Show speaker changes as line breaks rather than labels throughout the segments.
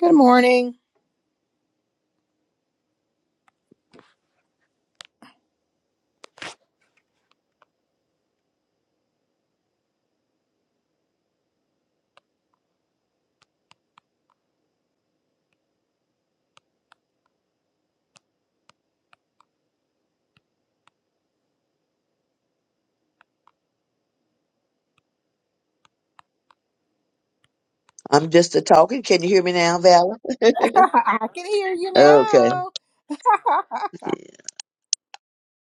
Good morning.
I'm just a talking. Can you hear me now, Vala?
I can hear you
okay.
now.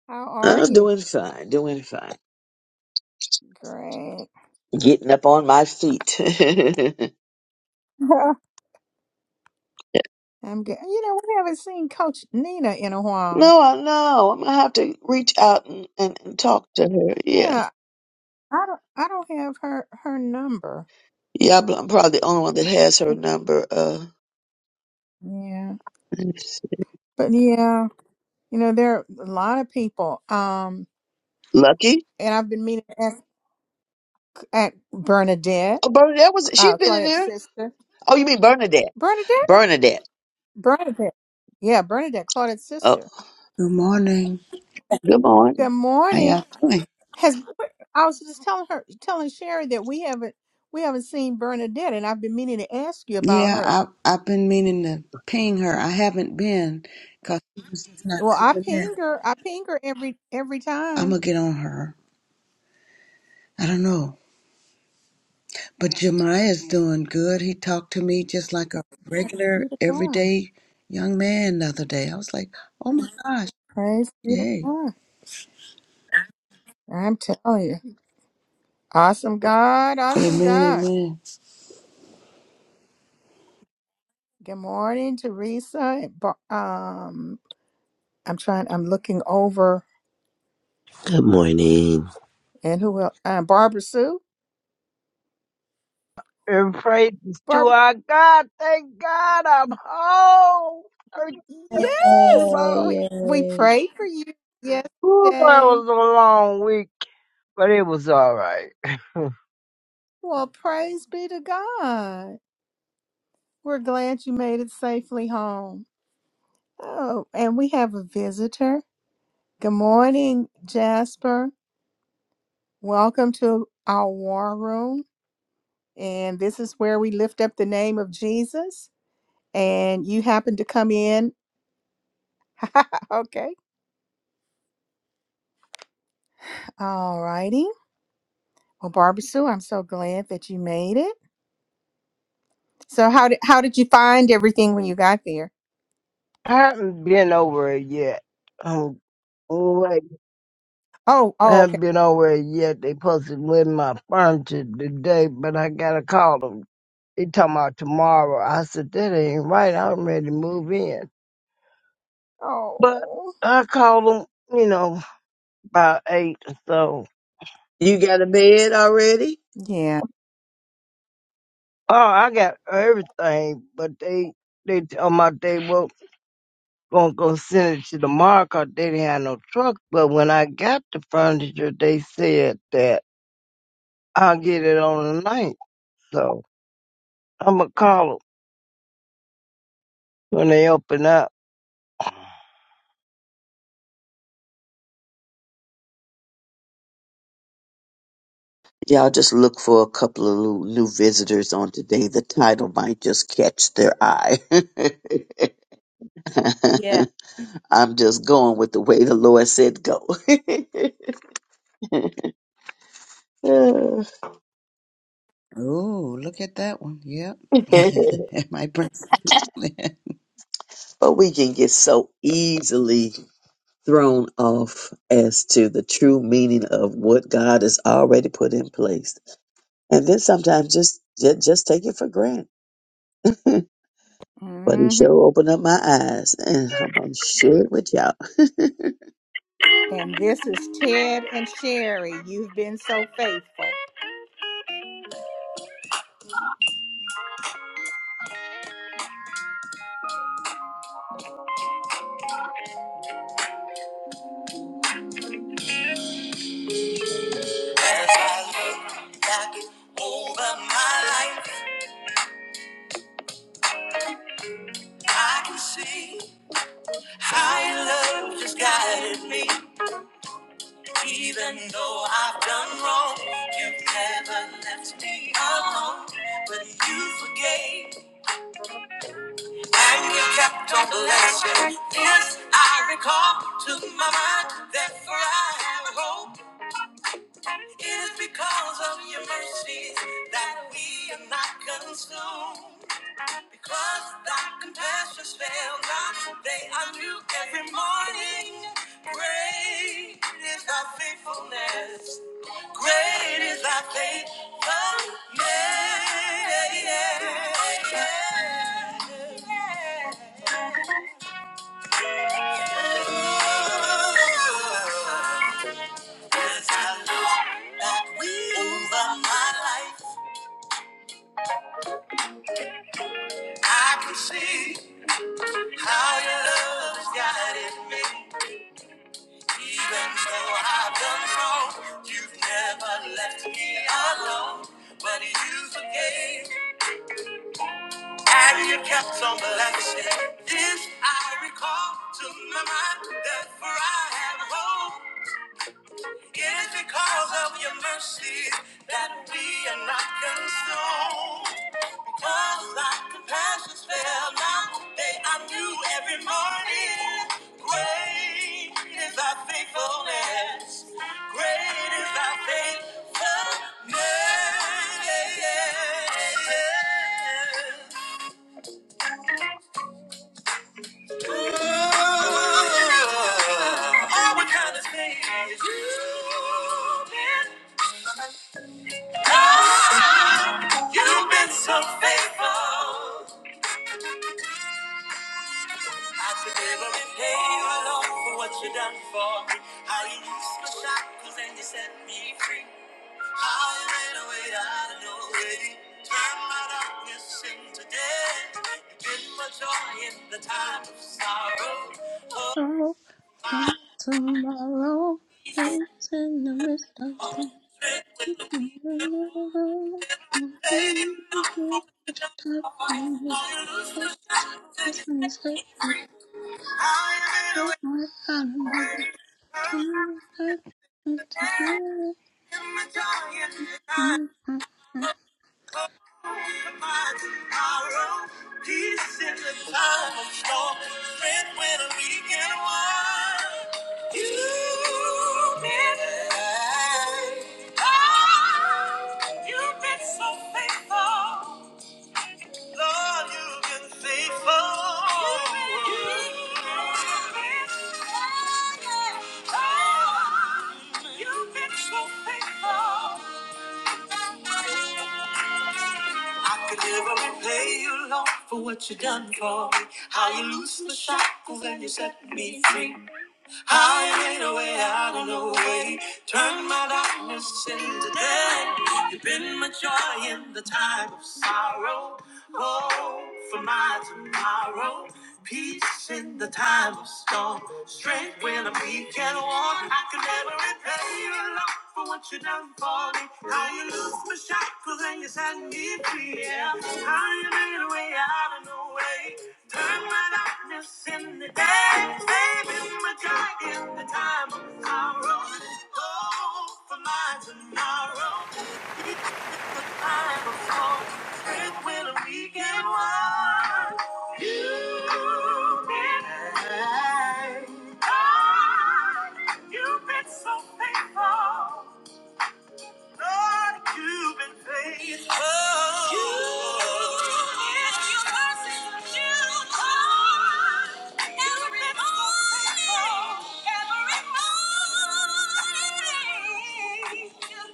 How are
I'm
you?
doing fine, doing fine.
Great.
Getting up on my feet. no,
I'm good. You know, we haven't seen Coach Nina in a while.
I know. I'm going to have to reach out and, and, and talk to her. Yeah.
Yeah, I don't. I don't have her her number.
Yeah, I'm I'm probably the only one that has her number. Uh,
Yeah,
let me see.
but yeah, you know, there are a lot of people. Um,
Lucky?
and I've been meeting at, at Bernadette,
Oh, Bernadette was, she's
uh,
been in
Claudette's
there.
sister.
Oh, you mean Bernadette.
Bernadette,
Bernadette.
Bernadette. Yeah, Bernadette, Claudette's
Oh,
sister.
Good morning.
good
Good
morning.
How
morning.
y'all doing?
Has I was just telling her, telling Sherry that we haven't we haven't seen Bernadette, and I've been meaning to ask you about
Yeah,
her.
I, I've been meaning to ping her. I haven't been because she's just not
Well, I
coming in.
ping her. I ping her every every
I'm
time.
going to get on her. I don't know. But Jemiah's doing good. He talked to me just like a
Praise
regular,
be to God.
everyday young man the other day. I was like, oh my gosh,
Praise be to
yay.
God. I'm telling you, awesome God, awesome
Amen,
God.
amen.
Good morning, Teresa. and Bar- Um, I'm trying. I'm looking over,
Good morning.
and who else? Uh, Barbara Sue.
And praise to
Barbara.
our God. Thank God I'm home for too
Yes,
long.
we
Yay,
we
yay.
prayed for you
Ooh, it
yesterday.
was a long week, but it was all right. I
Well, praise be to God. We're glad you made it safely home. Oh, and we have a visitor. Good morning, Jasper. Welcome to our war room. And this is where we lift up the name of Jesus. And you happen to come in. okay. All righty. Well, Barbara Sue, I'm so glad that you made it. So how did how did you find everything when you got there?
haven't been over it yet. Um, wait,
Oh,
I
oh,
haven't
okay.
been over it yet. They supposed to win my furniture today, but I gotta call them. They talking about tomorrow. I said that ain't right. I'm ready to move in, but
Oh,
I called them, you know, about eight or so.
You got a bed already?
yeah.
Oh, I got everything, but they they tell my they were gonna go send it to the market. They didn't have no truck, but when I got the furniture, they said that I'll get it on the ninth. So I'ma call 'em when they open up.
Y'all just look for a couple of new new visitors on today. The title might just catch their eye.
Yeah.
I'm just going with the way the Lord said go.
Oh, look at that one. Yep. it might bring some people
but we can get so easily thrown off as to the true meaning of what God has already put in place. And then sometimes just just, just take it for granted. but he sure opened up my eyes, and I'm gonna share it with y'all.
And this is Ted and Sherry. You've been so faithful. As I look back over my life, I can see how your love has guided me. Even though I've done wrong, you've never left me alone. But you forgave and you kept on blessing. This I recall to my mind. Therefore I have hope. It is because of your mercies that we are not consumed. Because thy compassions fail not, they are new every morning. Great is thy faithfulness. Great is thy faithfulness. as I look back over my life. I can see how your love has guided me. Even though I've done wrong, you've never left me alone. But you forgave and you kept on blessing. This I recall to my mind, therefore I have hope. It is because of your mercies that we are not consumed. Because thy compassions fail not, they are new every morning. Great is thy faithfulness. Great is thy faithfulness. All we kind of say is you. God, You've been so faithful. I could never repay you, Lord, for what you done for me. How you loosed my shackles and you set me free. How you made a way out of no way. Turned my darkness into day. You've been my joy in the time of sorrow. Oh,
in. From
my God.
Tomorrow is in the midst of storm. Put your type on me.
Strength in the
Cause I said
weak and
it that way. I don't know what to do today.
You've been so faithful. Lord, you've been faithful. You've been so faithful. I could never repay you, Lord, for what you have done for me. How you loosen the shackles and you set me free. I made a way out of no way. Turned my darkness into day. You've been my joy in the time of sorrow. Oh, for my tomorrow. Peace in the time of storm. Strength when I'm weak and worn. I can never repay you for what you done for me. How you lose my shackles and you set me free. Yeah. How you made a way out of no way. Turn my darkness in the day. Saving my joy in the time of sorrow. Oh, for my tomorrow. I'm a song. It will a weekend one. You've been kind. God, you've been so faithful. Lord, you've been faithful. You, it's your mercy that you come every morning, every morning.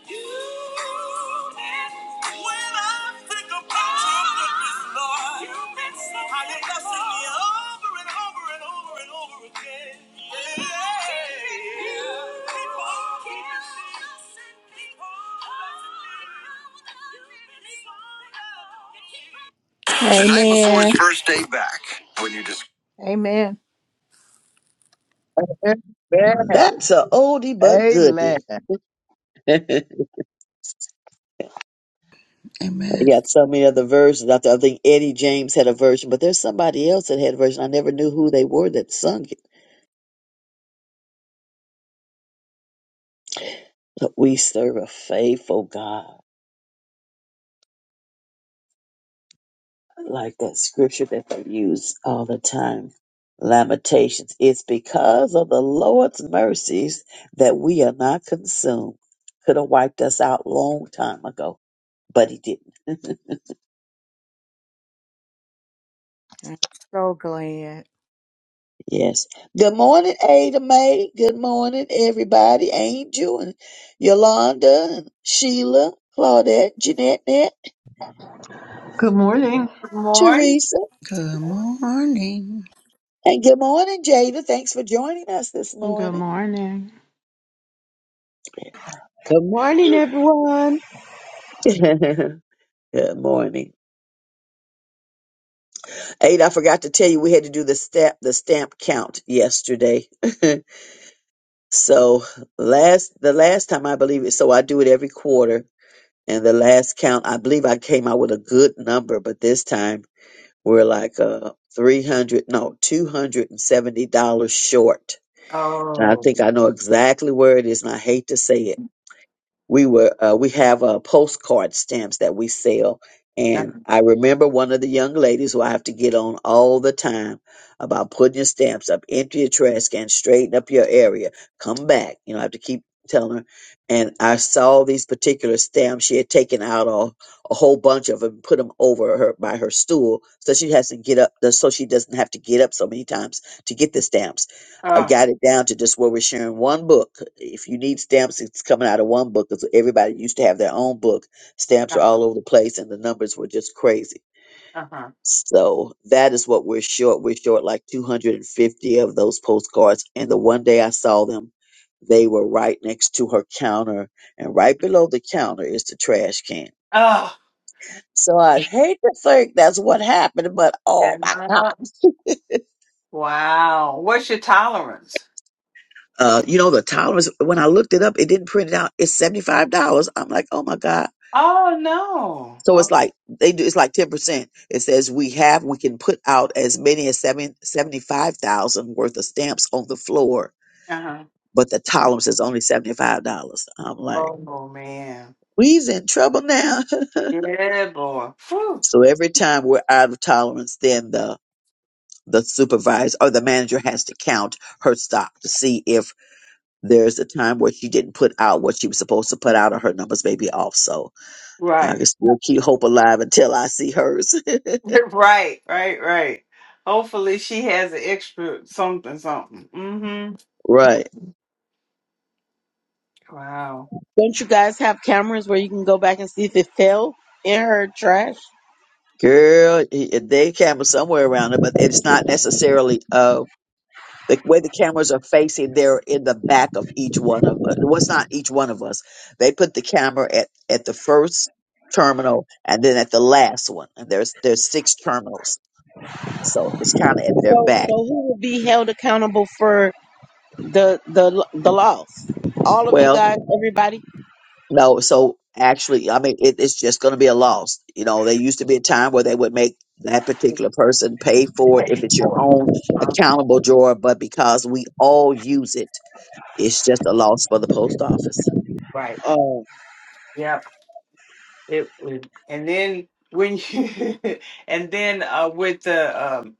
You, it's when I think about your goodness, Lord, you've been so how you blessing me over and over and over and over again. The night before his Amen. first day back, when you just Amen.
Amen.
That's a oldie but
Amen.
goodie. I
Amen.
got so many other versions. I th- I think Eddie James had a version, but there's somebody else that had a version. I never knew who they were that sung it. But we serve a faithful God. like that scripture that they use all the time. Lamentations. It's because of the Lord's mercies that we are not consumed. Could have wiped us out long time ago, but he didn't.
I'm so glad.
yes. Good morning, Ada Mae. Good morning, everybody. Angel and Yolanda and Sheila, Claudette, Jeanette, Net,
Good morning.
Morning.
Teresa.
Good morning.
And good morning, Jada. Thanks for joining us this
Good
morning.
morning.
Good morning, everyone.
Good morning. Ada, I forgot to tell you we had to do the stamp the stamp count yesterday. so last the last time I believe it, so I do it every quarter. And the last count, I believe I came out with a good number, but this time we're like uh three hundred no two hundred and seventy dollars short. And I
Oh.
think I know exactly where it is, and I hate to say it we were uh, we have uh, postcard stamps that we sell and
Uh-huh.
i remember one of the young ladies who i have to get on all the time about putting your stamps up empty your trash can straighten up your area come back you know i have to keep telling her and i saw these particular stamps she had taken out a, a whole bunch of them put them over her by her stool so she has to get up so she doesn't have to get up so many times to get the stamps I
Uh,
got it down to just where we're sharing one book. If you need stamps, it's coming out of one book because everybody used to have their own book. Stamps are
uh-huh.
all over the place, and the numbers were just crazy.
Uh-huh.
So that is what we're short. We're short like 250 of those postcards. And the one day I saw them, they were right next to her counter, and right below the counter is the trash can.
Oh.
So I hate to think that's what happened, but
Yeah.
oh my God.
Wow. What's your tolerance?
Uh, you know, the tolerance, when I looked it up, it didn't print it out. It's $75. I'm like, oh my God.
Oh no.
So it's
Okay.
like, they do, it's like 10%. It says we have, we can put out as many as seven seventy five thousand worth of stamps on the floor,
Uh-huh.
but the tolerance is only $75. I'm like,
Oh man.
we's in trouble now.
Yeah, boy. Whew.
so every time we're out of tolerance, then the, the supervisor or the manager has to count her stock to see if there's a time where she didn't put out what she was supposed to put out or her numbers may be off. So I can
Right.
still keep hope alive until I see hers.
right. Right. Right. Hopefully she has an extra something, something. Mm-hmm.
right.
Wow.
Don't you guys have cameras where you can go back and see if it fell in her trash?
Girl, y- they camera somewhere around it, but it's not necessarily uh the way the cameras are facing. They're in the back of each one of us. What's not each one of us? They put the camera at at the first terminal and then at the last one. And there's there's six terminals, so it's kind of at
So,
their
so
back.
who will be held accountable for the the the loss? All of you
Well,
guys, everybody.
No, so actually, I mean, it, it's just going to be a loss. You know, there used to be a time where they would make that particular person pay for it if
Pay
it's your
for it.
own
Uh-huh.
accountable drawer, but because we all use it, it's just a loss for the post office.
Right.
Oh,
Yep. It would. And then when you, and then uh, with the um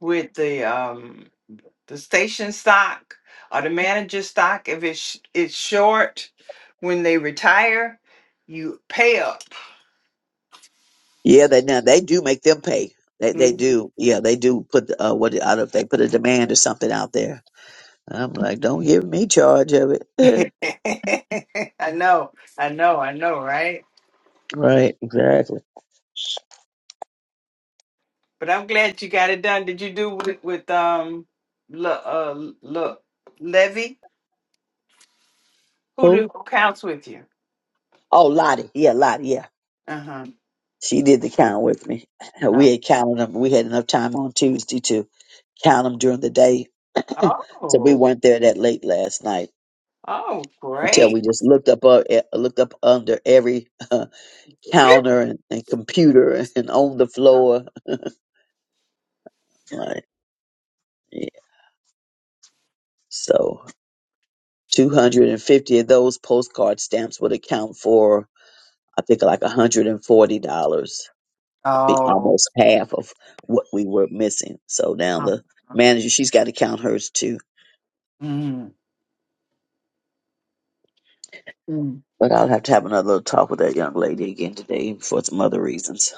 with the um the station stock or the manager stock if it's it's short when they retire you pay up
Yeah, they now they do make them pay. They they
Mhm.
do. Yeah, they do put uh, what I don't know if they put a demand or something out there. I'm like, don't give me charge of it.
i know i know i know right
right, exactly.
but i'm glad you got it done did you do with, with um look uh look levy who
Who?
do who counts with you
Oh, Lottie. Yeah, Lottie. Yeah.
uh-huh
She did the count with me.
Uh,
We had counted them. We had enough time on Tuesday to count them during the day, so we
oh
weren't there that late last night
oh
until
great
we just looked up uh, eh, looked up under every uh, counter and, and computer and on the floor. Right. Yeah. So 250 of those postcard stamps would account for I think like $140, be
oh
almost half of what we were missing. So now the manager she's got to count hers too
mm.
But I'll have to have another little talk with that young lady again today for some other reasons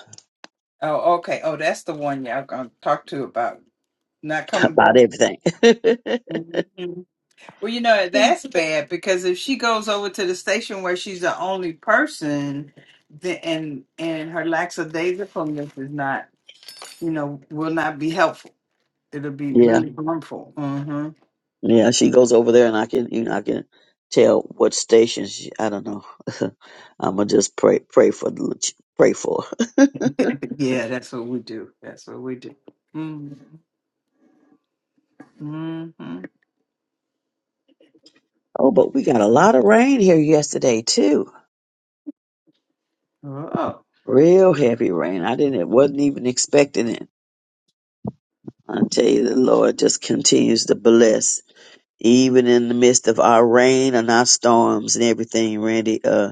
Oh, okay. Oh, that's the one y'all gonna talk to about not coming
about
back.
everything.
Mhm. Well, you know that's bad because if she goes over to the station where she's the only person, then and and her lackadaisicalness is not, you know, will not be helpful. It'll be
yeah,
really harmful. hmm
yeah. She goes over there, and I can, you know, I can tell what station. She, I don't know. I'm gonna just pray, pray for, the ch- pray for.
Yeah, that's what we do. That's what we do. Mm-hmm. hmm
oh, but we got a lot of rain here yesterday too.
Oh.
Real heavy rain. I didn't, wasn't even expecting it. I tell you, the Lord just continues to bless, even in the midst of our rain and our storms and everything, Randy. Uh.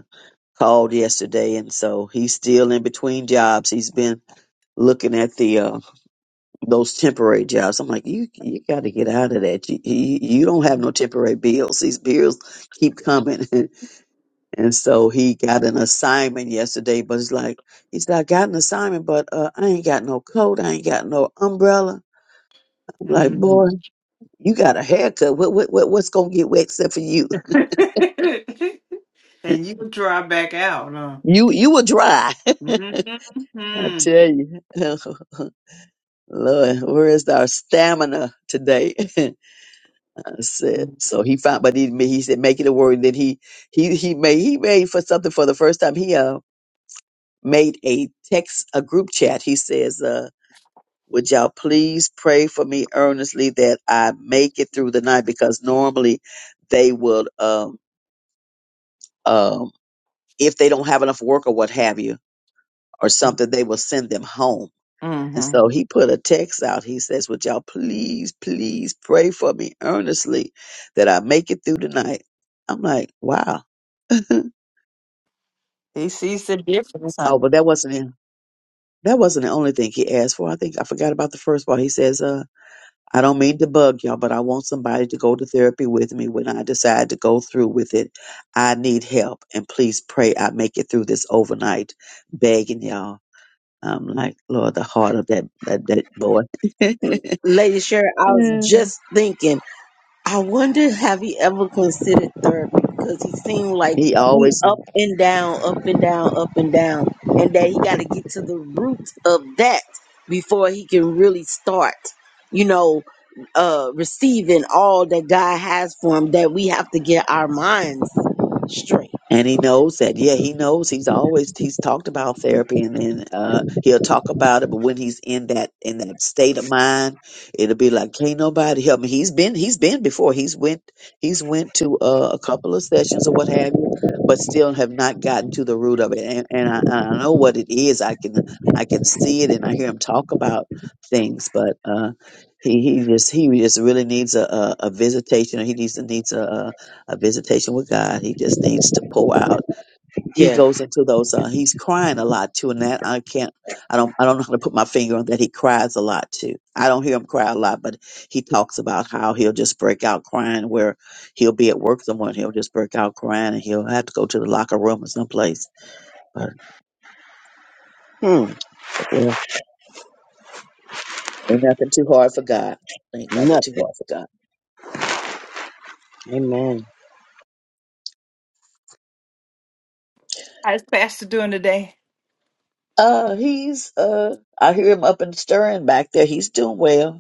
called yesterday, and so he's still in between jobs. He's been looking at the uh, those temporary jobs. I'm like, you you got to get out of that. You, you you don't have no temporary bills. These bills keep coming, and so he got an assignment yesterday. But it's like he said, I got an assignment, but uh, I ain't got no coat. I ain't got no umbrella. I'm like, boy,
Mhm.
you got a haircut. What what, what what's gonna get wet except for you?
and you draw back out, huh?
You you will dry. I
hmm
tell you. Lord, where is our stamina today? I said. So
Mm-hmm.
he found, but he he said, make it a word. Then he he he made he made for something for the first time. He uh made a text a group chat. He says, uh, would y'all please pray for me earnestly that I make it through the night because normally they will um um if they don't have enough work or what have you or something they will send them home And so
Mm-hmm.
he put a text out. He says, Would y'all please, please pray for me earnestly that I make it through the night? I'm like, Wow. oh,
He sees the difference, huh?
but that wasn't him. That wasn't the only thing he asked for. I think I forgot about the first part. He says, uh, I don't mean to bug y'all, but I want somebody to go to therapy with me when I decide to go through with it. I need help and please pray I make it through this overnight begging y'all. I'm like, Lord, the heart of that, that, that boy.
Lady Sharon, I was just thinking. I wonder have he ever considered therapy because he seemed like
He
he
always
up and down, up and down, up and down, and that he got to get to the root of that before he can really start, you know, uh, receiving all that God has for him. That we have to get our minds straight.
And he knows that, yeah, he knows he's always he's talked about therapy and then uh he'll talk about it, but when he's in that in that state of mind, it'll be like, Can't nobody help me. He's been he's been before. He's went he's went to uh, a couple of sessions or what have you, but still have not gotten to the root of it. And and I, and I know what it is. I can I can see it and I hear him talk about things, but uh he, he just he just really needs a, a, a visitation. He needs needs a, a visitation with God. He just needs to pour out. He
Yeah.
goes into those. Uh, he's crying a lot too, and that I can't. I don't. I don't know how to put my finger on that. He cries a lot too. I don't hear him cry a lot, but he talks about how he'll just break out crying. Where he'll be at work somewhere, and he'll just break out crying, and he'll have to go to the locker room or someplace. But
Hmm.
well, ain't nothing too hard for God. Ain't nothing too hard
Nothing.
for God.
Amen.
How's Pastor doing today?
Uh, he's uh, I hear him up and stirring back there. He's doing well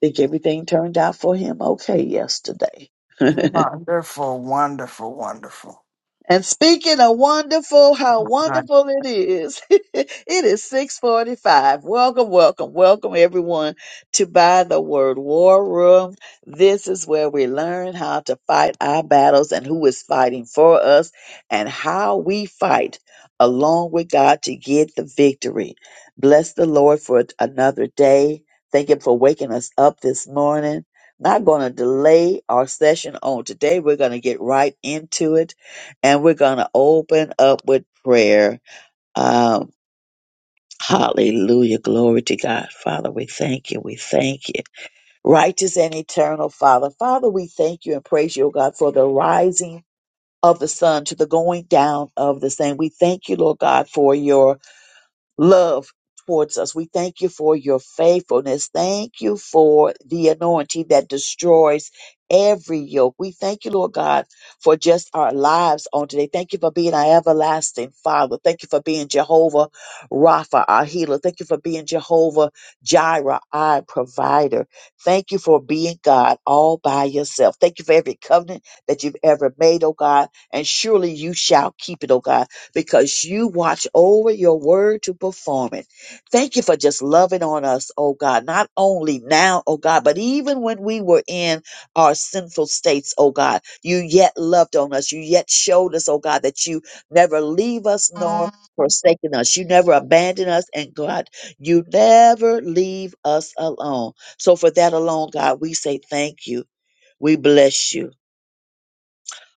I think everything turned out for him okay yesterday.
Wonderful, wonderful, wonderful.
And speaking of wonderful, how
Right.
wonderful it is. it is 645. Welcome, welcome, welcome everyone to By the Word War Room. This is where we learn how to fight our battles and who is fighting for us and how we fight along with God to get the victory. Bless the Lord for another day. Thank Him for waking us up this morning. Not going to delay our session on today. We're going to get right into it and we're going to open up with prayer. Um, hallelujah. Glory to God. Father, we thank you. We thank you. Righteous and eternal Father. Father, we thank you and praise you, O God, for the rising of the sun to the going down of the same. We thank you, Lord God, for your love towards us. We thank you for your faithfulness. Thank you for the anointing that destroys every yoke. We thank you, Lord God, for just our lives on today. Thank you for being our everlasting Father. Thank you for being Jehovah Rapha, our healer. Thank you for being Jehovah Jireh, our provider. Thank you for being God all by yourself. Thank you for every covenant that you've ever made, oh God, and surely you shall keep it, oh God because you watch over your word to perform it. Thank you for just loving on us, oh God, not only now, oh God, but even when we were in our sinful states, oh God, you yet loved on us. You yet showed us, oh God, that you never leave us nor forsaken us. You never abandon us. And God, you never leave us alone. So for that alone, God, we say thank you. We bless you.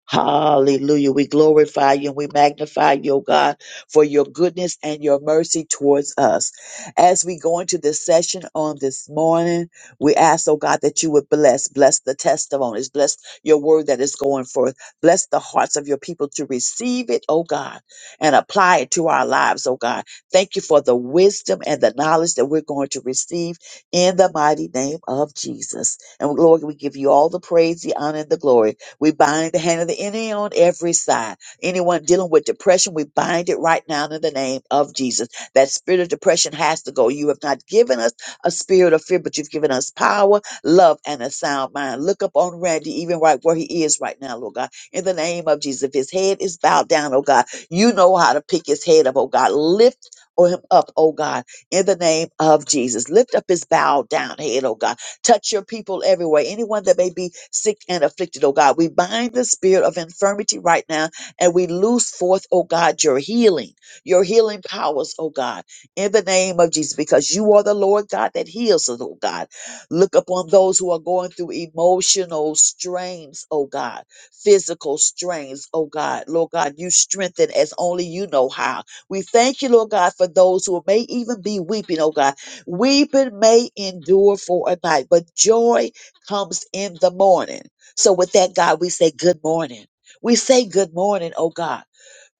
Hallelujah. We glorify you and we magnify you, O God, for your goodness and your mercy towards us. As we go into this session on this morning, we ask, oh God, that you would bless, bless the testimonies, bless your word that is going forth, bless the hearts of your people to receive it, oh God, and apply it to our lives, oh God. Thank you for the wisdom and the knowledge that we're going to receive in the mighty name of Jesus. And Lord, we give you all the praise, the honor, and the glory. We bind the hand of the enemy on every side. Anyone dealing with depression, we bind it right now in the name of Jesus. That spirit of depression has to go. You have not given us a spirit of fear, but you've given us power, love, and a sound mind. Look up on Randy, even right where he is right now, Lord God. In the name of Jesus, if his head is bowed down, oh God, you know how to pick his head up, oh God. Lift or him up, oh God, in the name of Jesus. Lift up his bowed down head, oh God Touch your people everywhere. Anyone that may be sick and afflicted, oh God, we bind the spirit of infirmity right now and we loose forth, oh God, your healing, your healing powers, oh God, in the name of Jesus, because you are the Lord God that heals us, oh God. Look upon those who are going through emotional strains, oh God, physical strains, oh God. Lord God, you strengthen as only you know how. We thank you, Lord God, for those who may even be weeping, oh God Weeping may endure for a night, but joy comes in the morning. So, with that, God, we say good morning. We say good morning, oh God,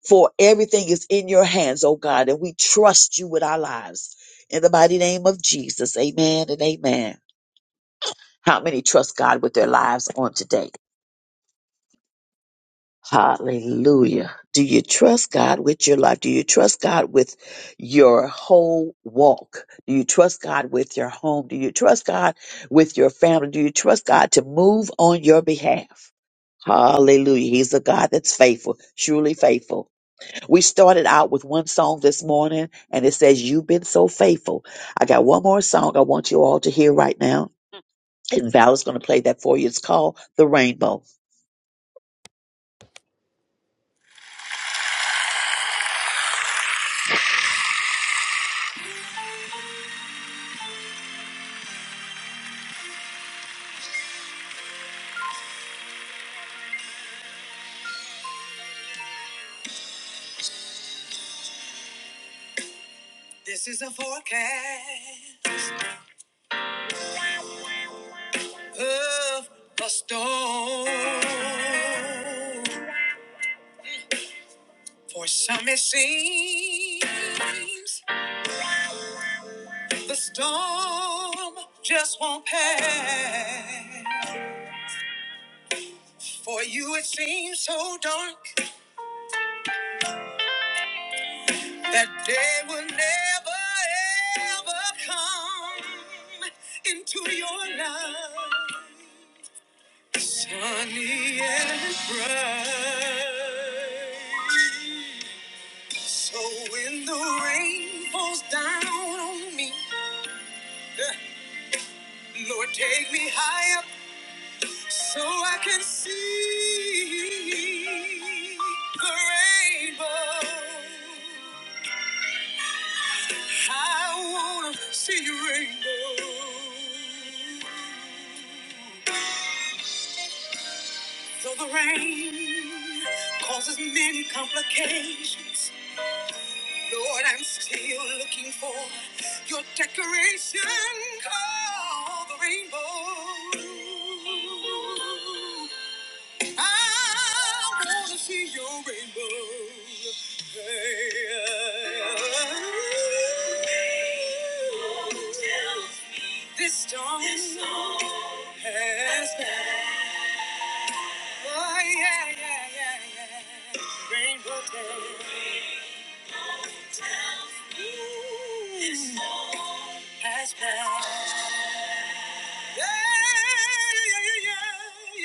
for everything is in your hands, oh God, and we trust you with our lives. In the mighty name of Jesus, amen and amen. How many trust God with their lives on today? Hallelujah. Do you trust God with your life? Do you trust God with your whole walk? Do you trust God with your home? Do you trust God with your family? Do you trust God to move on your behalf? Hallelujah. He's a God that's faithful, truly faithful. We started out with one song this morning and it says, You've been so faithful. I got one more song I want you all to hear right now. And Val is going to play that for you. It's called The Rainbow.
This is a forecast of a storm. For some it seems the storm just won't pass. For you it seems so dark that day will never ever come into your life. Sunny and bright. So when the rain falls down on me, Lord, take me high up so I can see the rainbow. I wanna see your rainbow. Though the rain causes many complications, Lord, I'm still looking for your decoration called the rainbow. I wanna see your rainbow. Hey, uh, This storm This storm has passed. Oh, yeah, yeah, yeah, yeah. Rainbow days Ooh, This storm has passed. Yeah,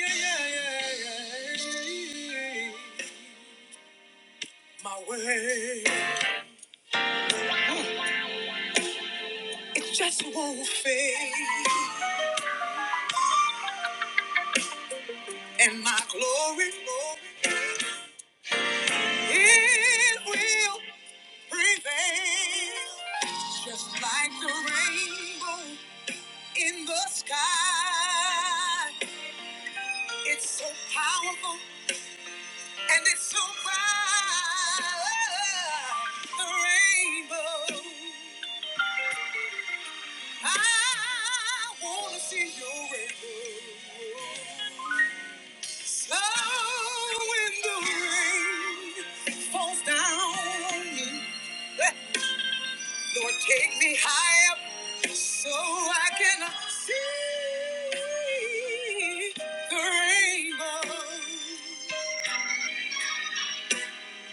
yeah, yeah, yeah, yeah, yeah, yeah, yeah. My way, it just won't fade, and my glory, glory, it will prevail. Just like the rainbow in the sky. It's so powerful and it's so bright. The rainbow. I wanna see your rainbow. So when the rain falls down on me. Lord, take me high up so I can see the rainbow.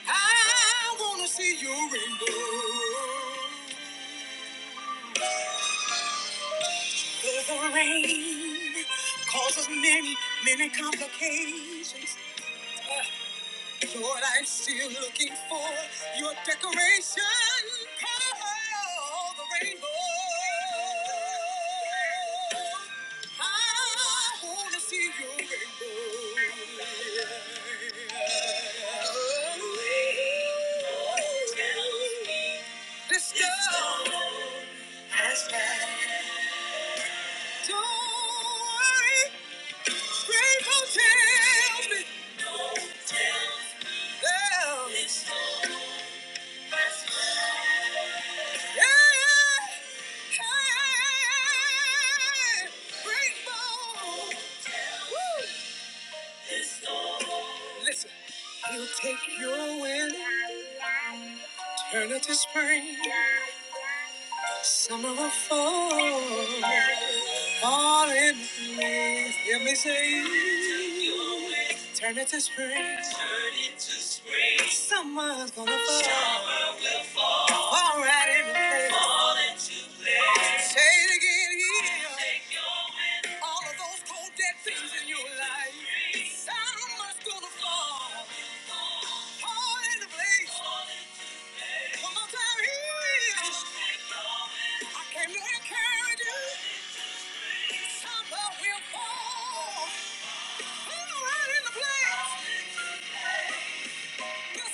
I want to see your rainbow. Though the rain causes many, many complications. uh, Lord, I'm still looking for your decoration. Color of the rainbow. I want to see your rainbow. This storm has passed. Don't worry, rainbow tells me There is Listen, he'll take your will, turn it to spring, summer or fall, fall in me. Hear me say, turn it to spring, summer's gonna fall, fall right in the place. Say it again here. All of those cold dead things in your life. Someone's gonna fall. Fall into place. One more time, here it is. I came to encourage you. Someone will fall. Fall right into place. Go! all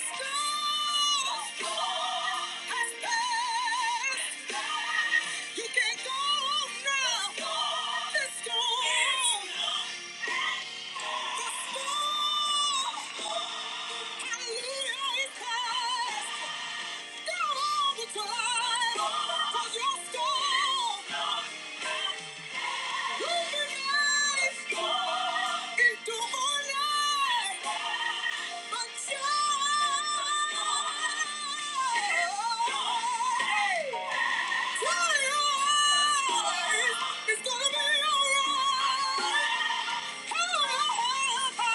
The time. For your school. It's gonna be alright.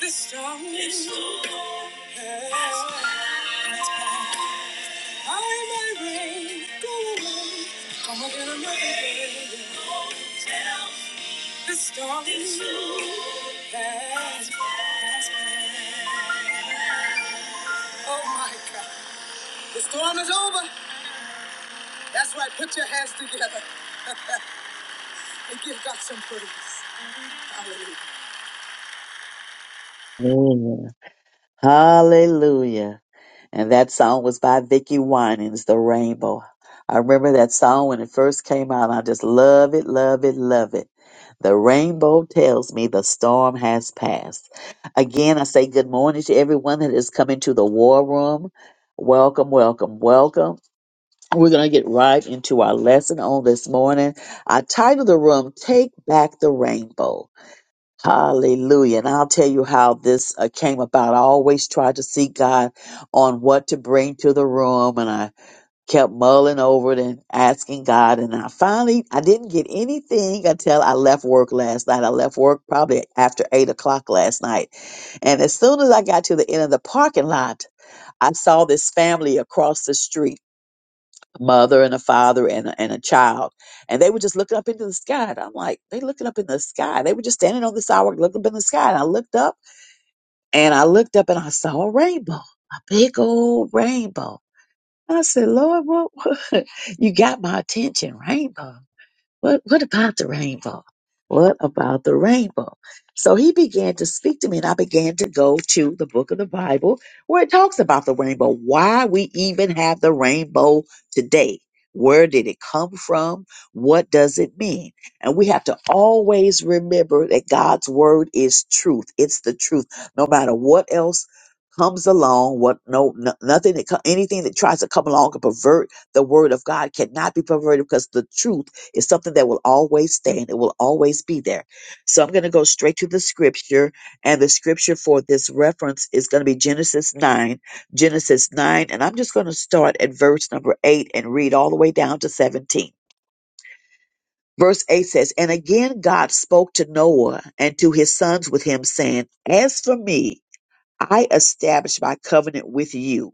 The storm is over. I am ready. Go away. Come again another day. The storm Oh my God. The storm is over. That's right. Put your hands together and give God some praise. Hallelujah.
Yeah. Hallelujah. And that song was by Vicki Winans, The Rainbow. I remember that song when it first came out. I just love it, love it, love it. The rainbow tells me the storm has passed. Again, I say good morning to everyone that is coming to the war room. Welcome, welcome, welcome. We're going to get right into our lesson on this morning. I titled the room, Take Back the Rainbow. Hallelujah. And I'll tell you how this uh, came about. I always tried to seek God on what to bring to the room and I kept mulling over it and asking God. And I finally, I didn't get anything until I left work last night. I left work probably after eight o'clock last night. And as soon as I got to the end of the parking lot, I saw this family across the street mother and a father and a, and a child. And they were just looking up into the sky. And I'm like, they looking up in the sky. They were just standing on the sidewalk looking up in the sky. And I looked up and I looked up and I saw a rainbow, a big old rainbow. I said, Lord, what, what? you got my attention, rainbow. What, what about the rainbow? What about the rainbow? So he began to speak to me, and I began to go to the book of the Bible where it talks about the rainbow, why we even have the rainbow today. Where did it come from? What does it mean? And we have to always remember that God's word is truth. It's the truth. No matter what else comes along, what no, no nothing that co- anything that tries to come along and pervert the word of God cannot be perverted because the truth it's something that will always stand. It will always be there. So I'm going to go straight to the scripture. And the scripture for this reference is going to be Genesis 9. Genesis 9. And I'm just going to start at verse number 8 and read all the way down to 17. Verse 8 says, And again God spoke to Noah and to his sons with him, saying, As for me, I establish my covenant with you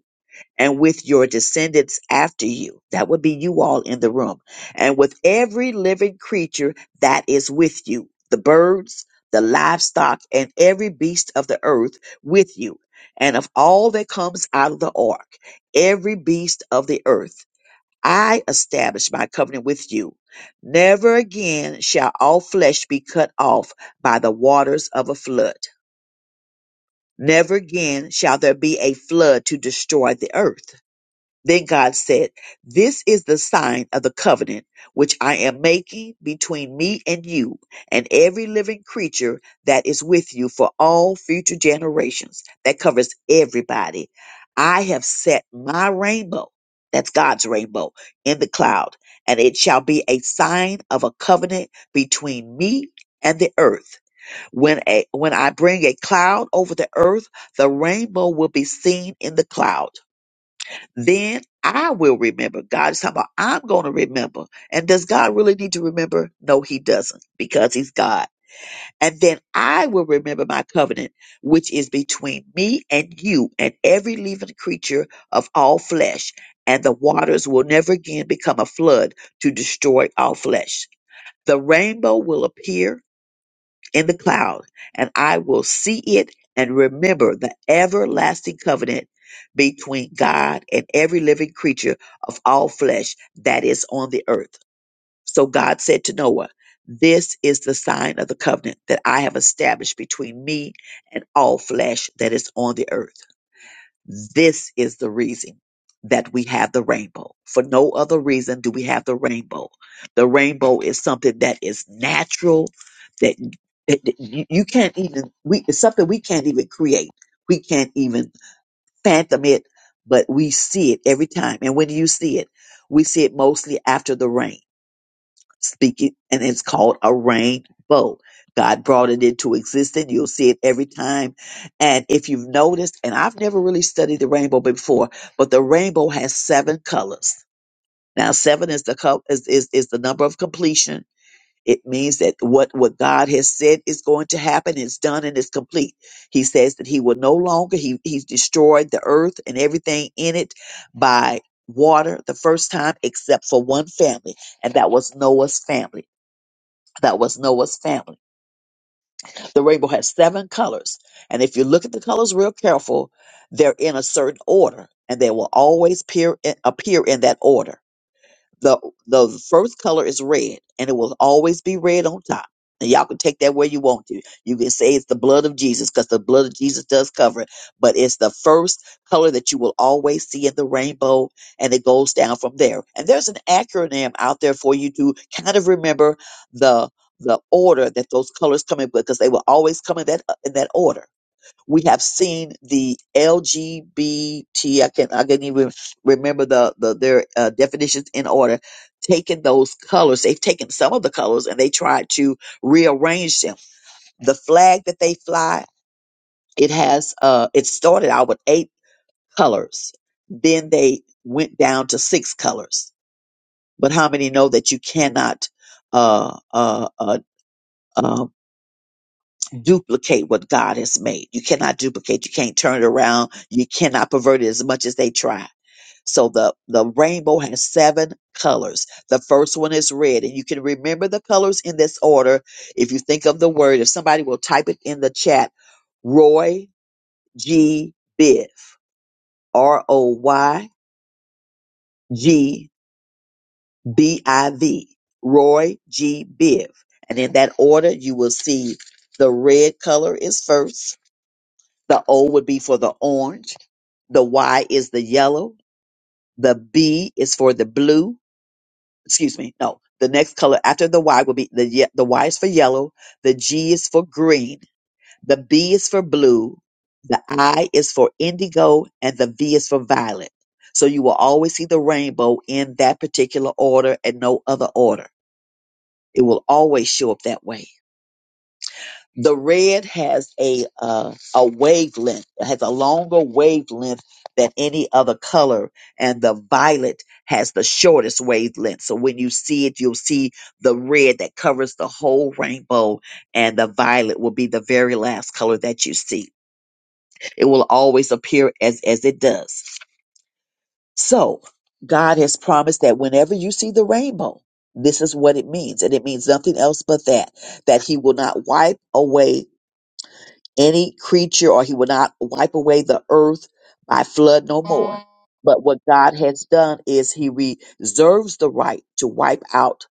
and with your descendants after you. That would be you all in the room. And with every living creature that is with you, the birds, the livestock, and every beast of the earth with you. And of all that comes out of the ark, every beast of the earth, I establish my covenant with you. Never again shall all flesh be cut off by the waters of a flood. Never again shall there be a flood to destroy the earth. Then God said, This is the sign of the covenant which I am making between me and you and every living creature that is with you for all future generations. That covers everybody. I have set my rainbow, that's God's rainbow, in the cloud, and it shall be a sign of a covenant between me and the earth. When a when I bring a cloud over the earth, the rainbow will be seen in the cloud then I will remember. God is talking about I'm going to remember. And does God really need to remember? No, he doesn't because he's God. And then I will remember my covenant, which is between me and you and every living creature of all flesh. And the waters will never again become a flood to destroy all flesh. The rainbow will appear in the cloud, and I will see it and remember the everlasting covenant between God and every living creature of all flesh that is on the earth. So God said to Noah, This is the sign of the covenant that I have established between me and all flesh that is on the earth. This is the reason that we have the rainbow. For no other reason do we have the rainbow. The rainbow is something that is natural that that- that you you can't even we it's something we can't even create. We can't even fathom it, but we see it every time. And when you see it? We see it mostly after the rain speaking, and it's called a rainbow. God brought it into existence. You'll see it every time. And if you've noticed, and I've never really studied the rainbow before, but the rainbow has seven colors. Now, seven is the co- is, is is the number of completion. It means that what what God has said is going to happen is done and is complete. He says that He will no longer He He's destroyed the earth and everything in it by water the first time, except for one family, and that was Noah's family. That was Noah's family. The rainbow has seven colors. And if you look at the colors real careful, they're in a certain order and they will always appear in, appear in that order. The the first color is red, and it will always be red on top. And y'all can take that where you want to. You can say it's the blood of Jesus, because the blood of Jesus does cover it. But it's the first color that you will always see in the rainbow, and it goes down from there. And there's an acronym out there for you to kind of remember the the order that those colors come in because they will always come in that uh, in that order we have seen the LGBT. I can I can not even remember the, the their uh, definitions in order. Taken those colors, they've taken some of the colors and they tried to rearrange them. The flag that they fly, it has uh, it started out with eight colors, then they went down to six colors. But how many know that you cannot uh, uh, uh, uh duplicate what God has made. You cannot duplicate. You can't turn it around. You cannot pervert it as much as they try. So the, the rainbow has seven colors. The first one is red, and you can remember the colors in this order if you think of the word. If somebody will type it in the chat, Roy G. Biv, R O Y G B I V, Roy G. Biv. And in that order, you will see the red color is first The O would be for the orange. The Y is the yellow. The B is for the blue. Excuse me. No, the next color after the Y will be the ye- the Y is for yellow. The G is for green. The B is for blue. The I is for indigo, and the V is for violet. So you will always see the rainbow in that particular order and no other order. It will always show up that way. the red has a uh, a wavelength it has a longer wavelength than any other color and the violet has the shortest wavelength so when you see it you'll see the red that covers the whole rainbow and the violet will be the very last color that you see it will always appear as as it does so god has promised that whenever you see the rainbow this is what it means and it means nothing else but that that he will not wipe away any creature, or he will not wipe away the earth by flood no more. But what God has done is he reserves the right to wipe out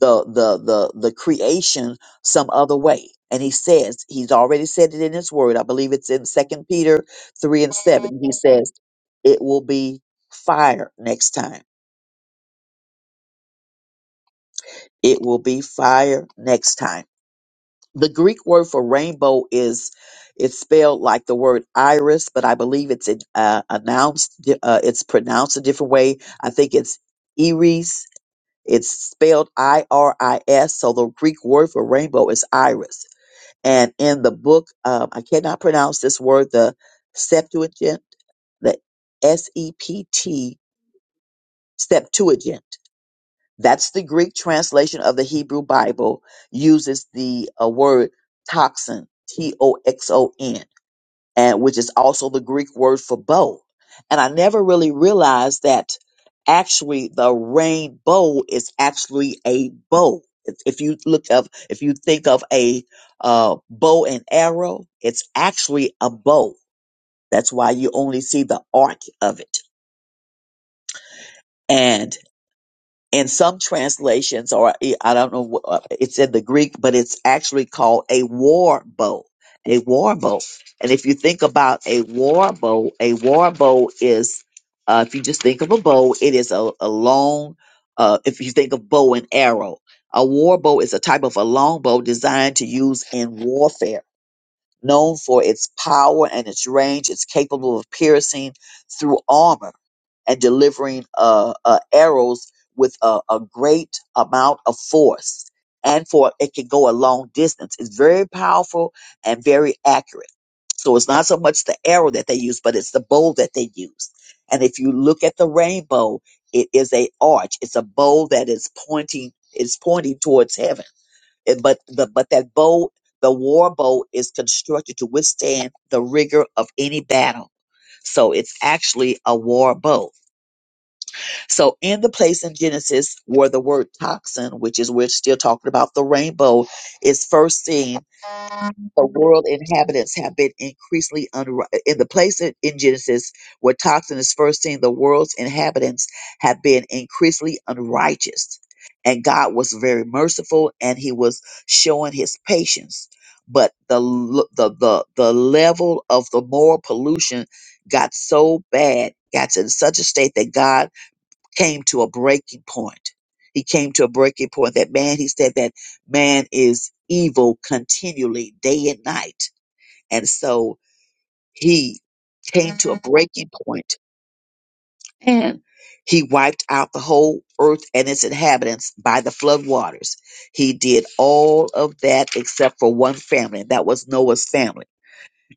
the the the the creation some other way. And he says, he's already said it in his word. I believe it's in Second Peter three and seven. He says, It will be fire next time. It will be fire next time The Greek word for rainbow is it's spelled like the word iris, but I believe it's uh, announced. Uh, it's pronounced a different way. I think it's iris. It's spelled I R I S. So the Greek word for rainbow is iris. And in the book, um, I cannot pronounce this word. The Septuagint, the S E P T Septuagint. That's the Greek translation of the Hebrew Bible uses the uh, word toxin, T O X O N, and which is also the Greek word for bow. And I never really realized that actually the rainbow is actually a bow. If if you look up, if you think of a uh, bow and arrow, it's actually a bow. That's why you only see the arc of it. in some translations, or I I don't know, wh- uh, it's in the Greek, but it's actually called a war bow, a war bow. And if you think about a war bow, a war bow is, uh, if you just think of a bow, it is a, a long, uh, if you think of bow and arrow, a war bow is a type of a long bow designed to use in warfare known for its power and its range. It's capable of piercing through armor and delivering uh, uh, arrows with a, a great amount of force. And for it can go a long distance. It's very powerful and very accurate. So it's not so much the arrow that they use, but it's the bow that they use. And if you look at the rainbow, it is a arch. It's a bow that is pointing. It's pointing towards heaven it- but the but that boat, the war boat, is constructed to withstand the rigor of any battle. So it's actually a war boat. So, in the place in Genesis where the word toxin, which is we're still talking about the rainbow, is first seen, the world inhabitants have been increasingly unri- in the place in, in Genesis where toxin is first seen, the world's inhabitants have been increasingly unrighteous. And God was very merciful and he was showing his patience. But the, l- the the the level of the moral pollution got so bad, got to such a state that God came to a breaking point. He came to a breaking point that man, he said that man is evil continually, day and night. And so he came to a breaking point and he wiped out the whole earth and its inhabitants by the flood waters. He did all of that except for one family, and that was Noah's family.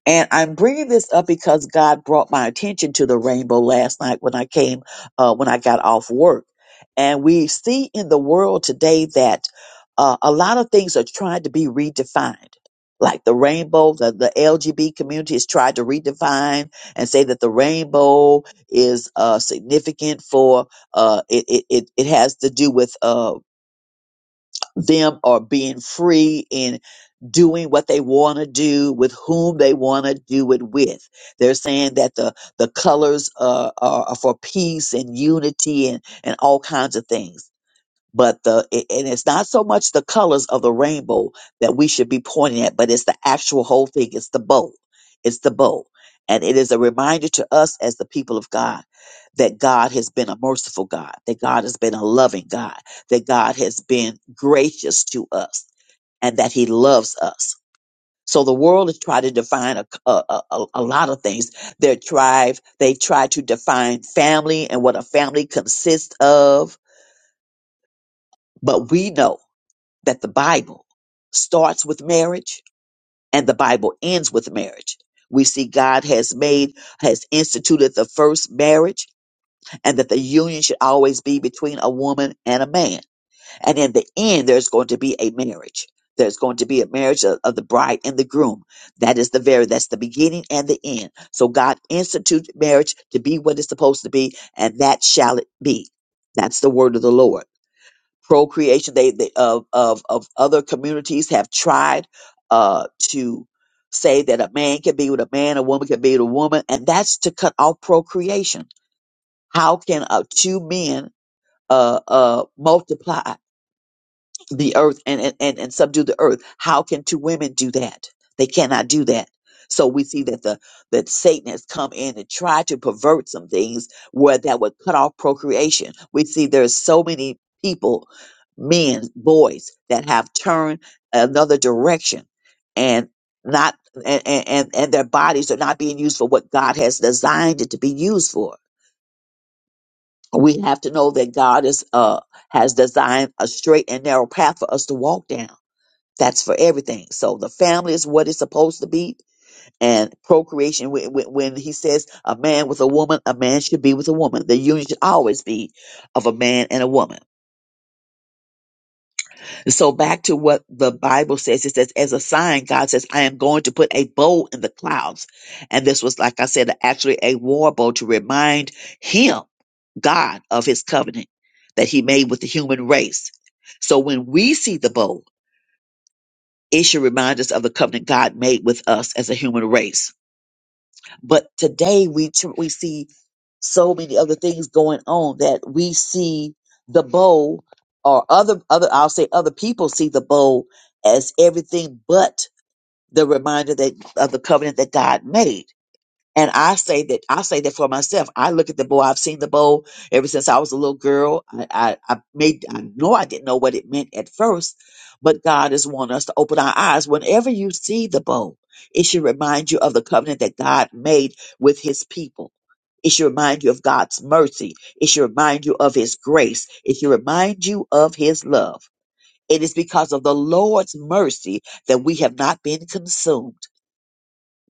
And I'm bringing this up because God brought my attention to the rainbow last night when I came, uh, when I got off work. And we see in the world today that uh, a lot of things are trying to be redefined. Like the rainbow, the, the LGB community has tried to redefine and say that the rainbow is uh, significant for uh, it, it, it it has to do with uh, them are being free in doing what they want to do with whom they want to do it with. They're saying that the the colors uh, are, are for peace and unity and and all kinds of things but the it- and it's not so much the colors of the rainbow that we should be pointing at but it's the actual whole thing it's the bow it's the bow and it is a reminder to us as the people of god that god has been a merciful god that god has been a loving god that god has been gracious to us and that he loves us. So the world has tried to define a, a, a, a lot of things. Their tribe, they try to define family and what a family consists of. But we know that the Bible starts with marriage and the Bible ends with marriage. We see God has made, has instituted the first marriage and that the union should always be between a woman and a man. And in the end, there's going to be a marriage. There's going to be a marriage of, of the bride and the groom. That is the very, that's the beginning and the end. So God instituted marriage to be what it's supposed to be, and that shall it be. That's the word of the Lord procreation they, they of, of of other communities have tried uh to say that a man can be with a man a woman can be with a woman and that's to cut off procreation how can uh, two men uh uh multiply the earth and, and, and, and subdue the earth. How can two women do that? They cannot do that. So we see that the that Satan has come in and tried to pervert some things where that would cut off procreation. We see there's so many people, men, boys, that have turned another direction and not and, and, and and their bodies are not being used for what God has designed it to be used for. We have to know that God is uh has designed a straight and narrow path for us to walk down that's for everything. So the family is what it's supposed to be, and procreation. When, when when he says a man with a woman, a man should be with a woman. The union should always be of a man and a woman. So back to what the Bible says, it says, as a sign, God says, I am going to put a bow in the clouds. And this was, like I said, actually a war bow to remind him, God, of his covenant that he made with the human race. So when we see the bow. It should remind us of the covenant God made with us as a human race. But today we tr- we see so many other things going on that we see the bowl or other other I'll say other people see the bowl as everything but the reminder that of the covenant that God made. And I say that I say that for myself. I look at the bowl. I've seen the bowl ever since I was a little girl. I, I, I made I know I didn't know what it meant at first, but God is wanting us to open our eyes. Whenever you see the bowl, it should remind you of the covenant that God made with His people. It should remind you of God's mercy. It should remind you of His grace. It should remind you of His love. It is because of the Lord's mercy that we have not been consumed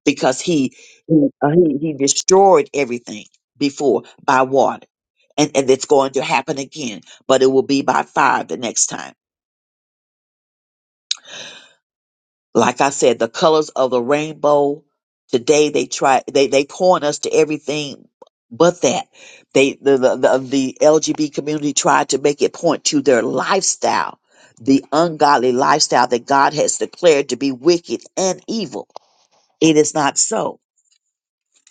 because he he uh, he, he destroyed everything before by water and and it's going to happen again but it will be by fire the next time like i said the colors of the rainbow today they try they they point us to everything but that they the the, the, the lgb community tried to make it point to their lifestyle the ungodly lifestyle that god has declared to be wicked and evil it is not so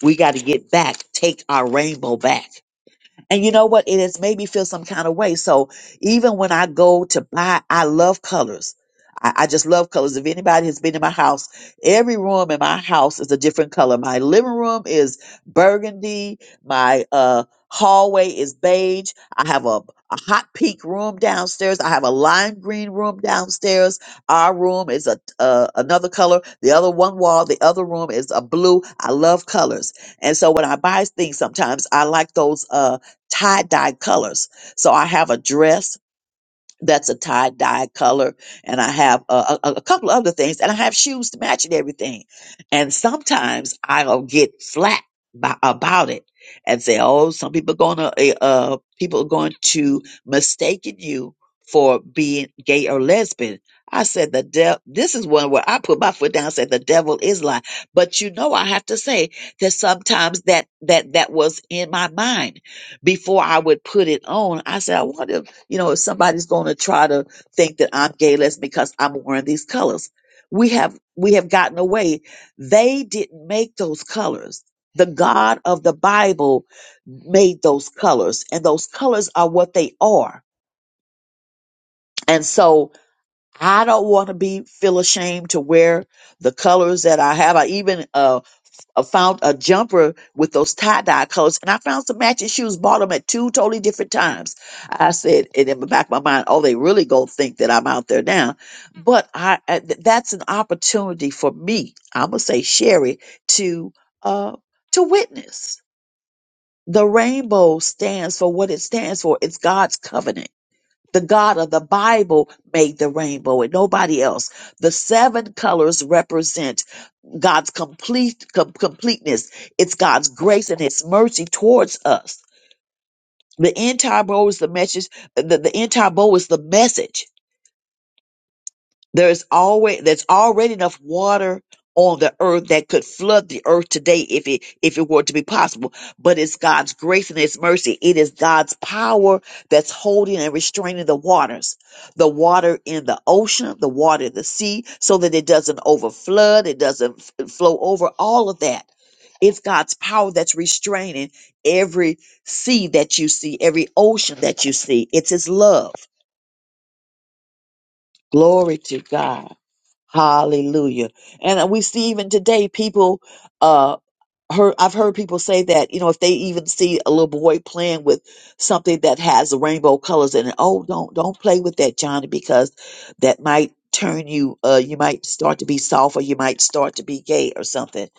we got to get back take our rainbow back And you know what? It has made me feel some kind of way. So even when I go to buy, I love colors. I, I just love colors. If anybody has been in my house, every room in my house is a different color. My living room is burgundy. My uh, hallway is beige. I have a, a hot pink room downstairs. I have a lime green room downstairs. Our room is a uh, another color. The other one wall, the other room is a blue. I love colors, and so when I buy things, sometimes I like those. Uh, tie-dye colors. So I have a dress that's a tie dye color and i have a, a, a couple of other things and i have shoes to match and everything and sometimes i'll get flat by, about it and say oh some people gonna eh, uh people are going to mistaken you for being gay or lesbian i said the devil this is one where i put my foot down and said the devil is lie but you know i have to say that sometimes that that that was in my mind before i would put it on i said i wonder you know, if somebody's going to try to think that I'm gay lesbian because I'm wearing these colors, we have we have gotten away. They didn't make those colors. The God of the Bible made those colors, and those colors are what they are. And so I don't want to be feel ashamed to wear the colors that I have. I even um I found a jumper with those tie dye colors, and I found some matching shoes. Bought them at two totally different times. I said, and in the back of my mind, oh, they really gonna think that I'm out there now. But I, I th- that's an opportunity for me. I'm gonna say Sherry to uh to witness. The rainbow stands for what it stands for. It's God's covenant. The God of the Bible made the rainbow and nobody else. The seven colors represent God's complete com- completeness. It's God's grace and His mercy towards us. The entire bowl is the message. The, the entire bowl is the message there's always there's already enough water on the earth that could flood the earth today if it if it were to be possible. But it's God's grace and his mercy. It is God's power that's holding and restraining the waters. The water in the ocean, the water in the sea, so that it doesn't overflood, it doesn't f- flow over, all of that. It's God's power that's restraining every sea that you see, every ocean that you see. It's his love. Glory to God. Hallelujah. And we see even today people uh heard I've heard people say that, you know, if they even see a little boy playing with something that has rainbow colors in it, oh don't don't play with that, Johnny, because that might turn you uh you might start to be soft or you might start to be gay or something.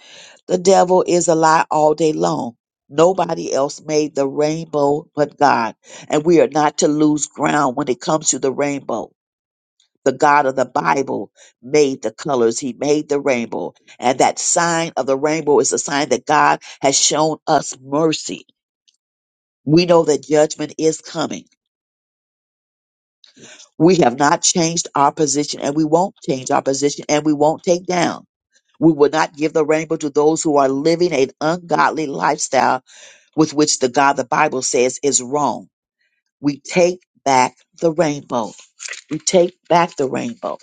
The devil is a lie all day long. Nobody else made the rainbow but God. And we are not to lose ground when it comes to the rainbow the God of the Bible made the colors. He made the rainbow. And that sign of the rainbow is a sign that God has shown us mercy. We know that judgment is coming. We have not changed our position and we won't change our position and we won't take down. We will not give the rainbow to those who are living an ungodly lifestyle with which the God the Bible says is wrong. We take back the rainbow. We take back the rainbow.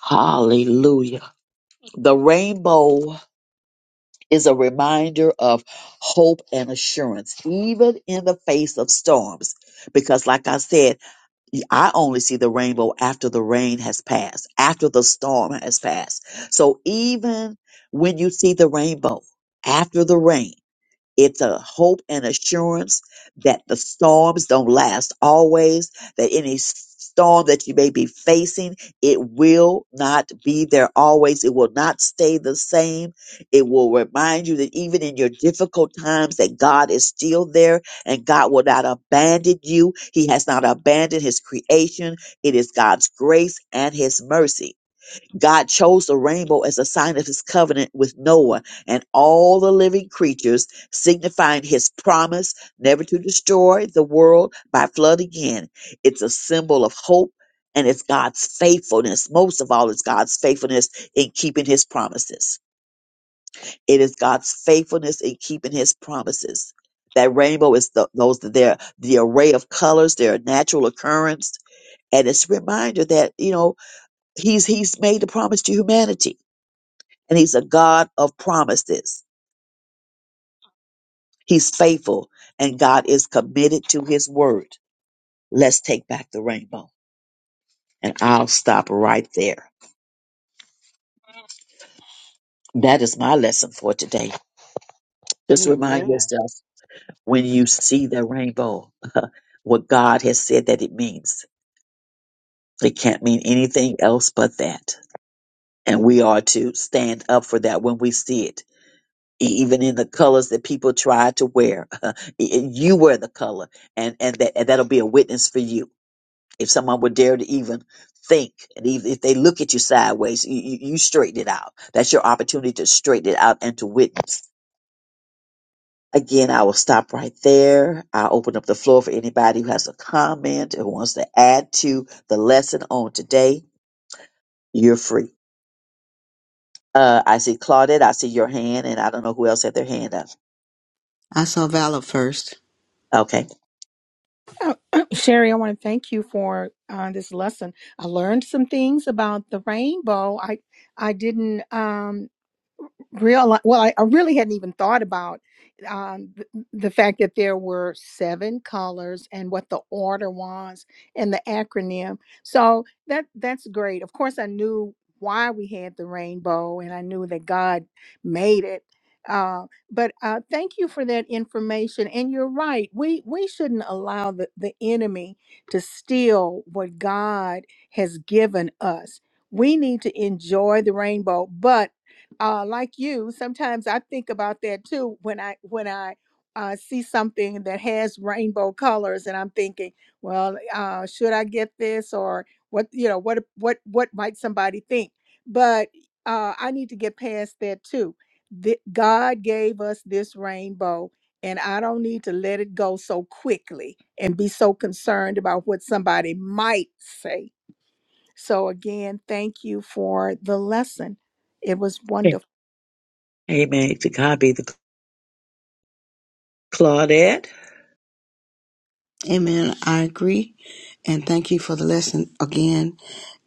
Hallelujah. The rainbow is a reminder of hope and assurance, even in the face of storms. Because, like I said, I only see the rainbow after the rain has passed, after the storm has passed. So, even when you see the rainbow after the rain, it's a hope and assurance that the storms don't last always, that any storm that you may be facing, it will not be there always. It will not stay the same. It will remind you that even in your difficult times that God is still there and God will not abandon you. He has not abandoned his creation. It is God's grace and his mercy. God chose the rainbow as a sign of his covenant with Noah and all the living creatures, signifying his promise never to destroy the world by flood again. It's a symbol of hope and it's God's faithfulness. Most of all, it's God's faithfulness in keeping his promises. It is God's faithfulness in keeping his promises. That rainbow is the, those their the array of colors, their natural occurrence, and it's a reminder that you know he's he's made the promise to humanity and he's a God of promises. He's faithful and God is committed to his word. Let's take back the rainbow. And I'll stop right there. That is my lesson for today. Just remind
Amen.
yourself when you see the rainbow, what God has said that it means. It can't mean
Amen.
anything else but that. And we are to stand up for that when we see it. E- Even in the colors that people try to wear, y- you wear the color, and and that and that'll be a witness for you If someone would dare to even think, and even if they look at you sideways, you, you, you straighten it out. That's your opportunity to straighten it out and to witness. Again, I will stop right there. I'll open up the floor for anybody who has a comment or wants to add to the lesson on today. You're free. Uh, I see Claudette. I see your hand, and I don't know who else had their hand up.
I saw Valor first.
Okay.
Sherry, I want to thank you for uh, this lesson. I learned some things about the rainbow. I I didn't. Um, realize well I, I really hadn't even thought about um, th- the fact that there were seven colors and what the order was and the acronym so that that's great of course i knew why we had the rainbow and i knew that god made it uh, but uh, thank you for that information and you're right we we shouldn't allow the, the enemy to steal what god has given us we need to enjoy the rainbow but uh, like you, sometimes I think about that too when I when I uh, see something that has rainbow colors, and I'm thinking, well, uh, should I get this or what? You know, what what what might somebody think? But uh, I need to get past that too. Th- God gave us this rainbow, and I don't need to let it go so quickly and be so concerned about what somebody might say. So again, thank you for the lesson. It was
Okay.
wonderful.
Amen. To God be the Claudette.
Amen. I agree. And thank you for the lesson again.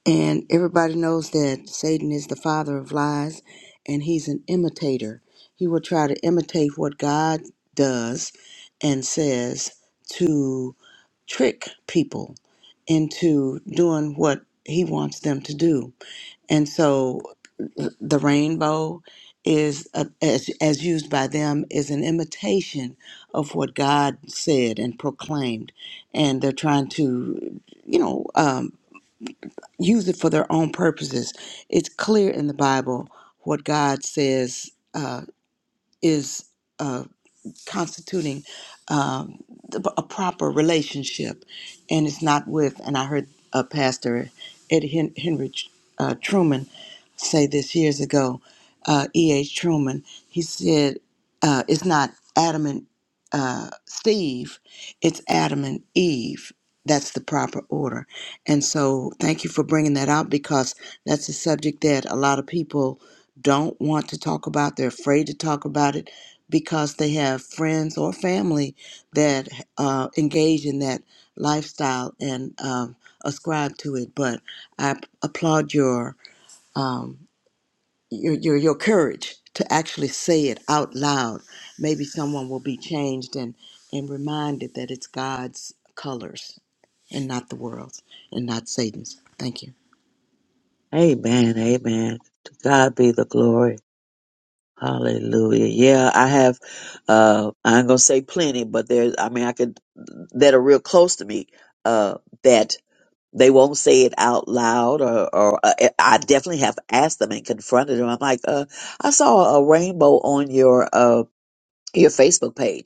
And everybody knows that Satan is the father of lies and he's an imitator. He will try to imitate what God does and says to trick people into doing what he wants them to do. And so the rainbow is a, as, as used by them is an imitation of what God said and proclaimed and they're trying to you know um, use it for their own purposes. It's clear in the Bible what God says uh, is. uh, constituting um, a proper relationship, and it's not with. And I heard uh, Pastor Ed Hen- Henry uh, Truman say this years ago. Uh, E. H. Truman. He said, uh, "It's not Adam and uh, Steve; it's Adam and Eve." That's the proper order. And so, thank you for bringing that out because that's a subject that a lot of people don't want to talk about. They're afraid to talk about it because they have friends or family that uh, engage in that lifestyle and um, ascribe to it. But I applaud your, um, your your your courage to actually say it out loud. Maybe someone will be changed and and reminded that it's God's colors and not the world's and not Satan's. Thank you.
Amen. Amen. To God be the glory. Hallelujah. Yeah, I have uh I ain't gonna say plenty, but there's I mean I could that are real close to me, uh that they won't say it out loud or or uh, I definitely have asked them and confronted them. I'm like, uh I saw a rainbow on your uh your Facebook page.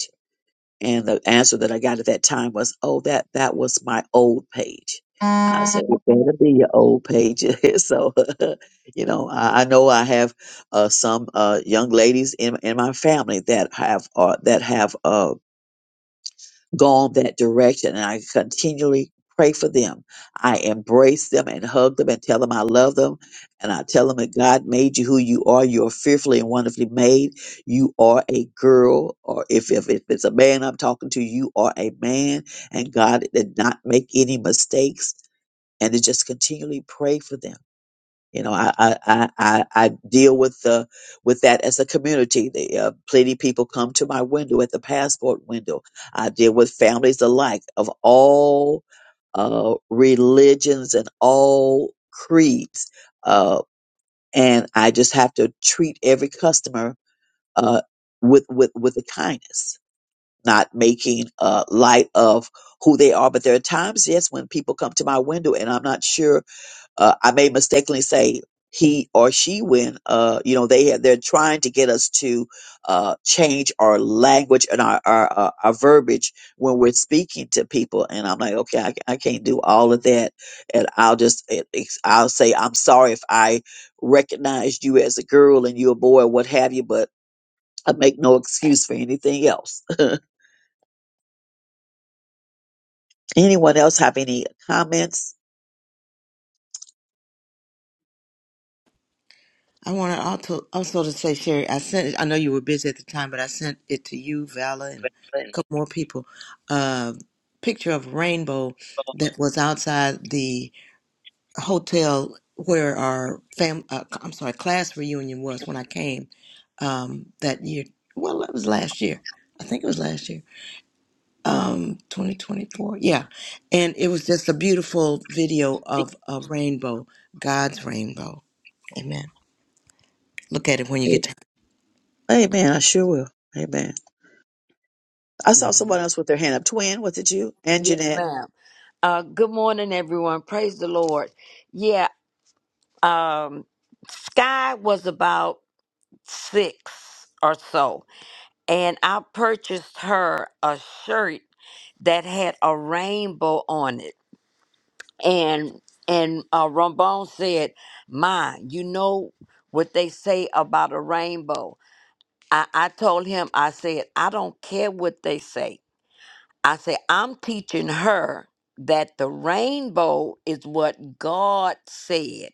And the answer that I got at that time was, "Oh, that that was my old page." I said, "It better be your old page." so, you know, I, I know I have uh, some uh, young ladies in in my family that have uh, that have. uh, gone that direction and I continually pray for them. I embrace them and hug them and tell them I love them. And I tell them that God made you who you are. You are fearfully and wonderfully made. You are a girl, or if, if, if it's a man I'm talking to, you are a man. And God did not make any mistakes. And to just continually pray for them you know, I I I, I I deal with the with that as a community. The, uh, plenty people come to my window at the passport window. I deal with families alike of all uh, religions and all creeds, uh, and I just have to treat every customer uh, with with with a kindness, not making uh, light of who they are. But there are times, yes, when people come to my window and I'm not sure uh, I may mistakenly say he or she when uh, you know they they're trying to get us to uh, change our language and our our, uh, our verbiage when we're speaking to people and I'm like okay I, I can't do all of that and I'll just it- it's- I'll say I'm sorry if I recognized you as a girl and you a boy what have you but I make no excuse for anything else. Anyone else have any comments?
I wanted also also to say, Sherry, I sent it. I know you were busy at the time, but I sent it to you, Vala, and a couple more people. Uh, picture of a rainbow that was outside the hotel where our fam. Uh, I'm sorry, class reunion was when I came um, that year. Well, that was last year. I think it was last year, um, 2024. Yeah, and it was just a beautiful video of a rainbow, God's rainbow. Amen. Look at it when you get time.
Amen. I sure will. Amen. I saw someone
Amen.
else with their hand up. Twin, was it you? And
Yes,
Jeanette.
ma'am. Uh, good morning, everyone. Praise the Lord. Yeah, um, Sky was about six or so, and I purchased her a shirt that had a rainbow on it. And and uh, Rambone said, "Ma, you know what they say about a rainbow." I, I told him, I said, "I don't care what they say. I say, I'm teaching her that the rainbow is what God said.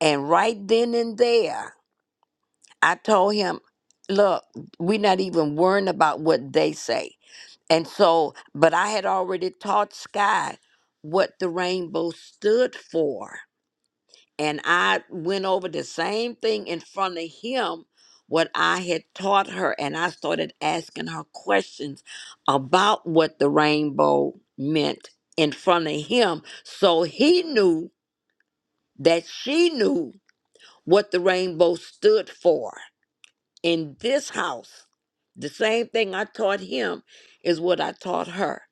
And right then and there, I told him, look, we're not even worrying about what they say. And so, but I had already taught Sky what the rainbow stood for and I went over the same thing in front of him what I had taught her and I started asking her questions about what the rainbow meant in front of him so he knew that she knew what the rainbow stood for in this house the same thing I taught him is what I taught her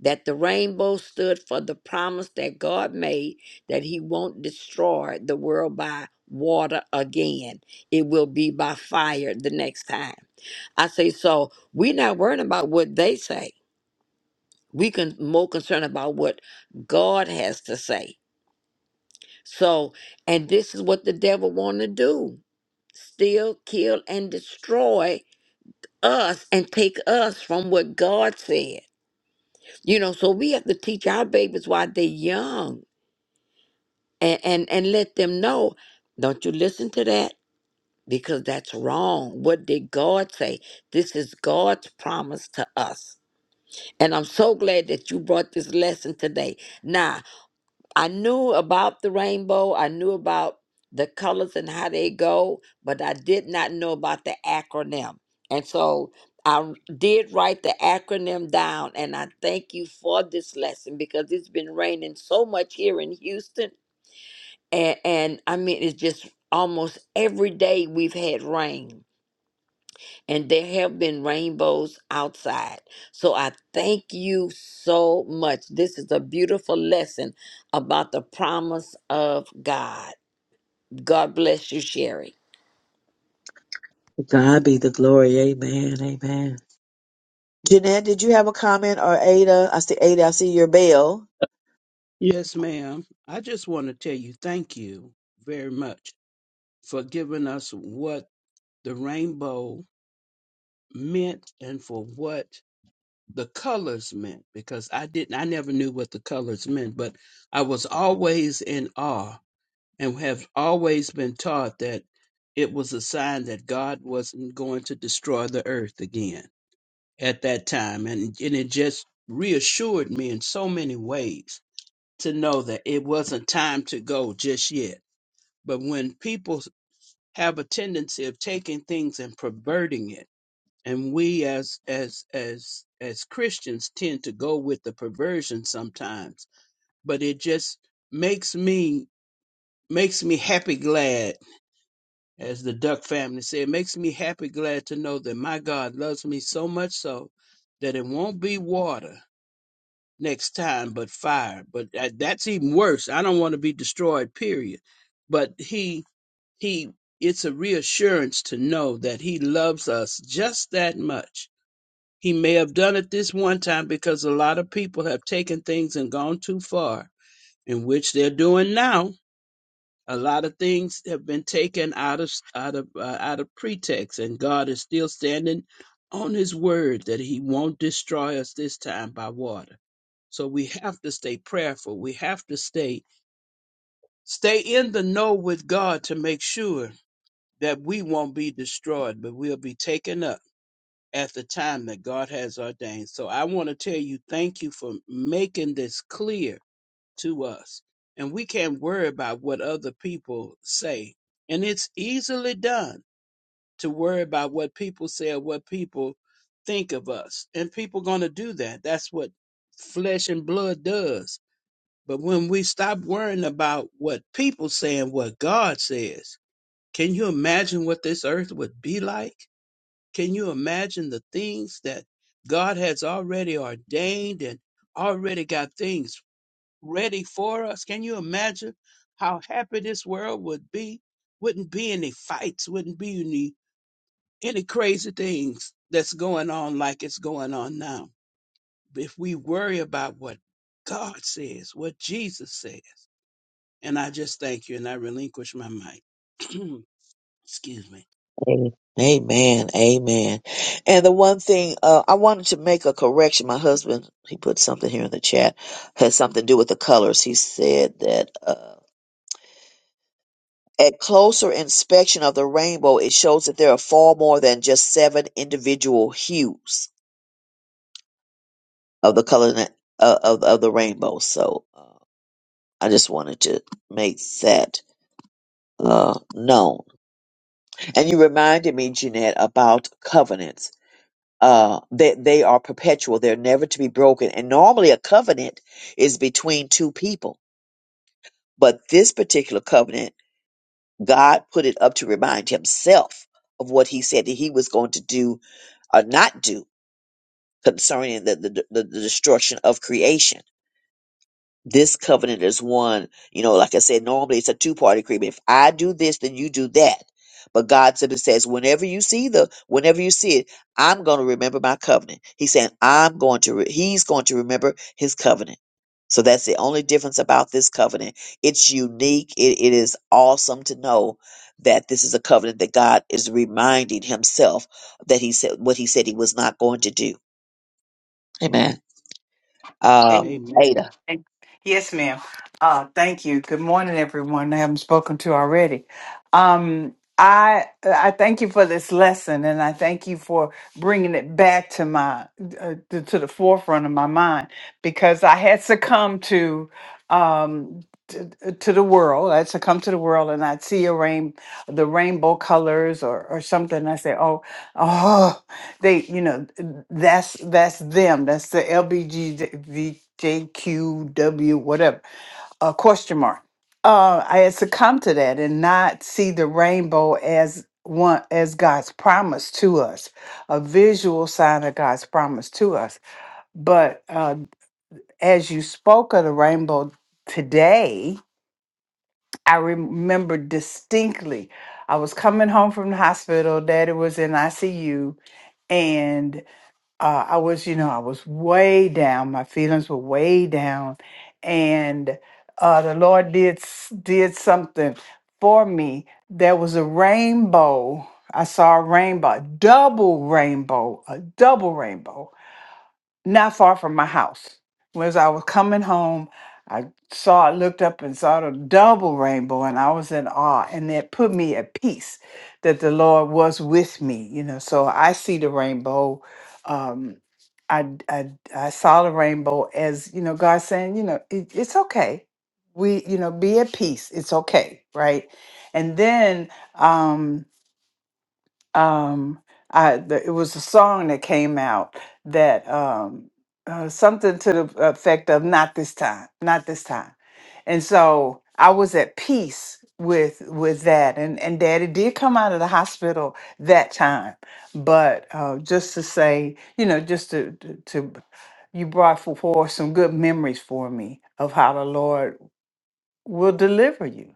that the rainbow stood for the promise that God made that He won't destroy the world by water again. It will be by fire the next time. I say, so we're not worrying about what they say. We can more concerned about what God has to say. So, and this is what the devil want to do: steal, kill, and destroy us and take us from what God said. You know, so we have to teach our babies while they're young and and and let them know don't you listen to that because that's wrong what did god say this is god's promise to us and i'm so glad that you brought this lesson today now i knew about the rainbow i knew about the colors and how they go but i did not know about the acronym and so I did write the acronym down, and I thank you for this lesson because it's been raining so much here in Houston and and I mean it's just almost every day we've had rain and there have been rainbows outside. So I thank you so much. This is a beautiful lesson about the promise of God. God bless you, Sherry.
God be the glory. Amen. Amen. Jeanette, did you have a comment or Ada? I see Ada. I see your bell.
Yes, ma'am. I just want to tell you thank you very much for giving us what the rainbow meant and for what the colors meant because I didn't I never knew what the colors meant, but I was always in awe and have always been taught that it was a sign that God wasn't going to destroy the earth again at that time and, and it just reassured me in so many ways to know that it wasn't time to go just yet. But when people have a tendency of taking things and perverting it, and we as as as as Christians tend to go with the perversion sometimes, but it just makes me makes me happy glad, as the Duck family said, it makes me happy glad to know that my God loves me so much so that it won't be water. next time but fire but that, that's even worse i don't want to be destroyed period but he he it's a reassurance to know that he loves us just that much he may have done it this one time because a lot of people have taken things and gone too far in which they're doing now a lot of things have been taken out of out of uh, out of pretext and god is still standing on his word that he won't destroy us this time by water so we have to stay prayerful we have to stay stay in the know with god to make sure that we won't be destroyed but we'll be taken up at the time that god has ordained so i want to tell you thank you for making this clear to us. And we can't worry about what other people say. And it's easily done to worry about what people say or what people think of us. And people gonna do that. That's what flesh and blood does. But when we stop worrying about what people say and what God says, can you imagine what this earth would be like? Can you imagine the things that God has already ordained and already got things ready for us. Can you imagine how happy this world would be? Wouldn't be any fights, wouldn't be any any crazy things that's going on like it's going on now. If we worry about what God says, what Jesus says. And I just thank you and I relinquish my mic. Excuse me.
Amen. Amen. And the one thing uh, I wanted to make a correction. My husband, he put something here in the chat, has something to do with the colors. He said that uh, at closer inspection of the rainbow, it shows that there are far more than just seven individual hues of the color na- uh, of of the rainbow. So. uh, I just wanted to make that uh, known. And you reminded me, Jeanette, about covenants. Uh, that they are perpetual; they're never to be broken. And normally, a covenant is between two people, but this particular covenant, God put it up to remind Himself of what He said that He was going to do or not do concerning the the, the, the destruction of creation. This covenant is one, you know, like I said, normally it's a two party agreement. If I do this, then you do that. But God simply says, whenever you see the, whenever you see it, I'm going to remember my covenant. He's saying, I'm going to, re- he's going to remember his covenant. So that's the only difference about this covenant. It's unique. It, it is awesome to know that this is a covenant that God is reminding himself that he said, what he said he was not going to do. Amen. Uh,
Amen.
Amen.
Ada.
Thank- Yes, ma'am. Uh, thank you. Good morning, everyone. I haven't spoken to already. Um, I I thank you for this lesson, and I thank you for bringing it back to my uh, to, to the forefront of my mind because I had succumbed to um to, to the world. I'd succumb to the world, and I'd see a rain the rainbow colors or or something. and I say, oh, oh they you know that's that's them that's the lbgtqw whatever uh, question mark uh i had succumbed to that and not see the rainbow as one as god's promise to us a visual sign of god's promise to us but uh as you spoke of the rainbow today i remember distinctly i was coming home from the hospital daddy was in icu and uh, I was, you know, I was way down. My feelings were way down, and uh, the Lord did s- did something for me. There was a rainbow. I saw a rainbow, a double rainbow, a double rainbow not far from my house. As I was coming home, I saw, I looked up and saw the double rainbow, and I was in awe. And it put me at peace that the Lord was with me, you know. So I see the rainbow. Um, I, I, I saw the rainbow as, you know, God saying, you know, it, it's okay. We, you know, be at peace. It's okay, right? And then um, um i the, it was a song that came out that um uh, something to the effect of not this time not this time and so i was at peace with with that and and daddy did come out of the hospital that time but uh just to say you know just to to, to you brought forth some good memories for me of how the lord will deliver you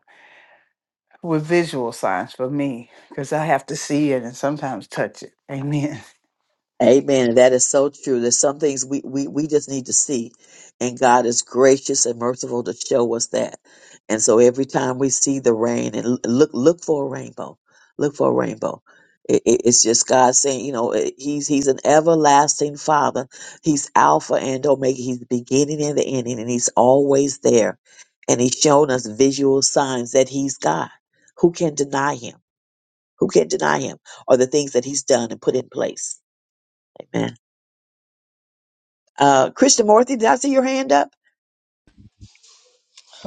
with visual signs for me because I have to see it and sometimes touch it. Amen.
Amen. That is so true. There's some things we, we, we just need to see. And God is gracious and merciful to show us that. And so every time we see the rain and l- look, look for a rainbow, look for a rainbow. It, it- it's just God saying, you know, eh, he's, he's an everlasting father. He's Alpha and Omega. He's the beginning and the ending, and he's always there. And he's shown us visual signs that he's God. Who can deny him? Who can deny him? Or the things that he's done and put in place. Amen. Uh, Krishnamurti, did I see your hand up?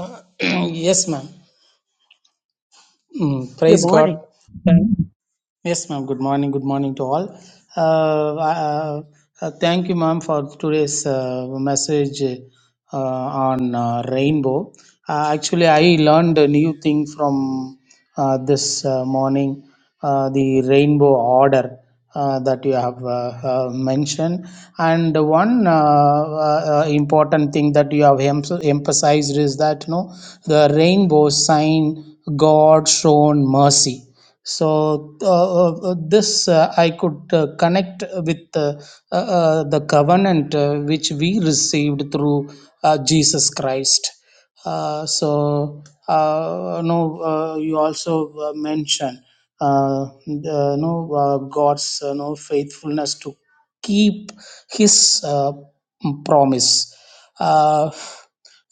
Uh, yes, ma'am. Mm,
Good
praise
morning.
God. Yes, ma'am. Good morning. Good morning to all. Uh, uh, uh, thank you, ma'am, for today's uh, message uh, on uh, rainbow. Uh, actually, I learned a new thing from uh, this uh, morning uh, the rainbow order uh, that you have uh, uh, mentioned. And one uh, uh, uh, important thing that you have em- emphasized is that you know, the rainbow sign God shown mercy so uh, uh, this uh, i could uh, connect with uh, uh, uh, the covenant uh, which we received through uh, jesus christ uh, so uh, no uh, you also uh, mentioned uh, the, no uh, god's uh, no faithfulness to keep his uh, promise uh,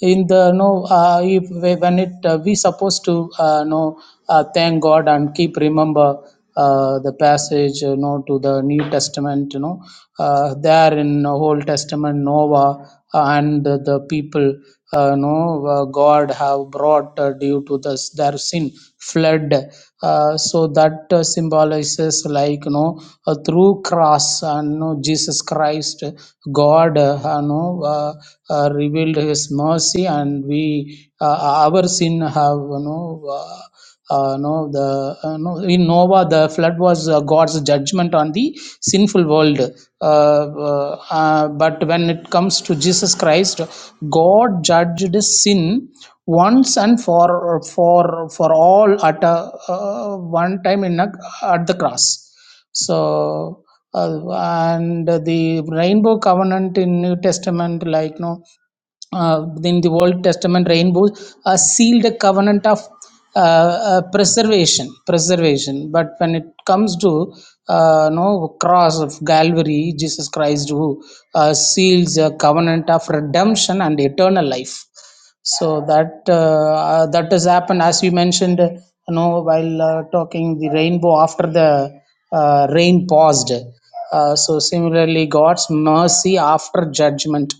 in the no uh, if when it uh, we supposed to uh, no uh, thank god and keep remember uh, the passage you know to the new testament you know uh, there in the old testament noah uh, and the, people uh, no uh, god have brought uh, due to this their sin flood uh, so that uh, symbolizes like you know uh, through cross and you know, jesus christ god uh, you know uh, uh, revealed his mercy and we uh, our sin have you know uh, uh, no, the uh, no, in Noah, the flood was uh, God's judgment on the sinful world. Uh, uh, uh, but when it comes to Jesus Christ, God judged sin once and for for for all at a, uh, one time in a, at the cross so uh, and the rainbow covenant in new testament like you know uh, in the Old Testament rainbow, uh, sealed a covenant of uh, uh, preservation, preservation. But when it comes to uh, no cross of Calvary, Jesus Christ who uh, seals a covenant of redemption and eternal life. So that uh, uh, that has happened as we mentioned. You know, while uh, talking the rainbow after the uh, rain paused. Uh, so similarly, God's mercy after judgment.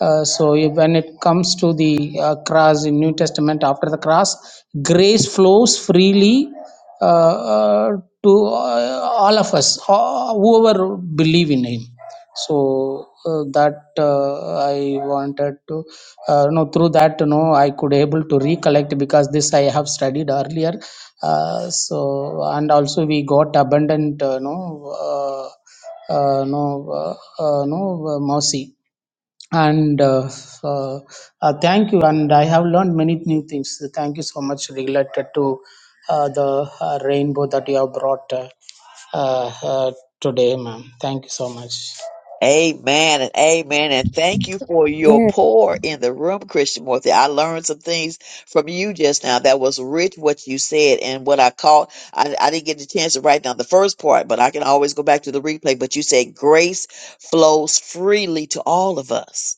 Uh, so if- when it comes to the uh, cross in New Testament, after the cross, grace flows freely uh, uh, to uh, all of us, uh, whoever believe in Him so uh, that uh, i wanted to uh, no through that no i could able to recollect because this i have studied earlier uh, so and also we got abundant uh, no uh, uh, no uh, uh, no uh, mercy and uh, uh, uh, thank you and i have learned many new things thank you so much related to uh, the uh, rainbow that you have brought uh, uh, uh, today ma'am thank you so much
Amen and amen. And thank you for your pour in the room, Christian Morthy. I learned some things from you just now that was rich what you said and what I caught. I, I didn't get the chance to write down the first part, but I can always go back to the replay. But you said grace flows freely to all of us.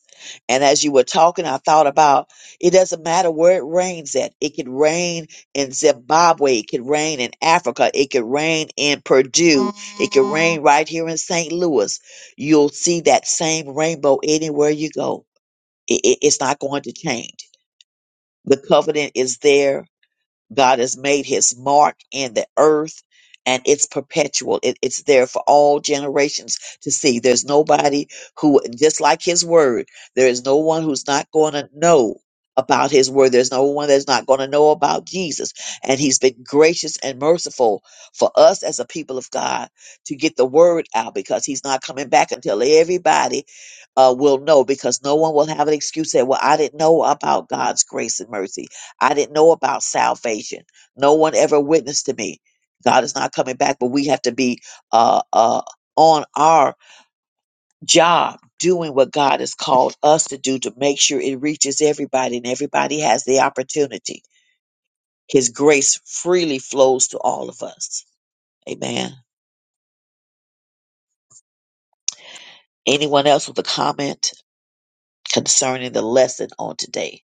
And as you were talking, I thought about it doesn't matter where it rains at. It could rain in Zimbabwe. It could rain in Africa. It could rain in Purdue. It could rain right here in St. Louis You'll see that same rainbow anywhere you go. I- I- it's not going to change. The covenant is there God has made his mark in the earth and it's perpetual. It, it's there for all generations to see. There's nobody who, just like his word, there is no one who's not going to know about his word. There's no one that's not going to know about Jesus. And he's been gracious and merciful for us as a people of God to get the word out because he's not coming back until everybody uh, will know because no one will have an excuse that, well, I didn't know about God's grace and mercy. I didn't know about salvation. No one ever witnessed to me. God is not coming back, but we have to be uh, uh, on our job doing what God has called us to do to make sure it reaches everybody and everybody has the opportunity. His grace freely flows to all of us. Amen. Anyone else with a comment concerning the lesson on today?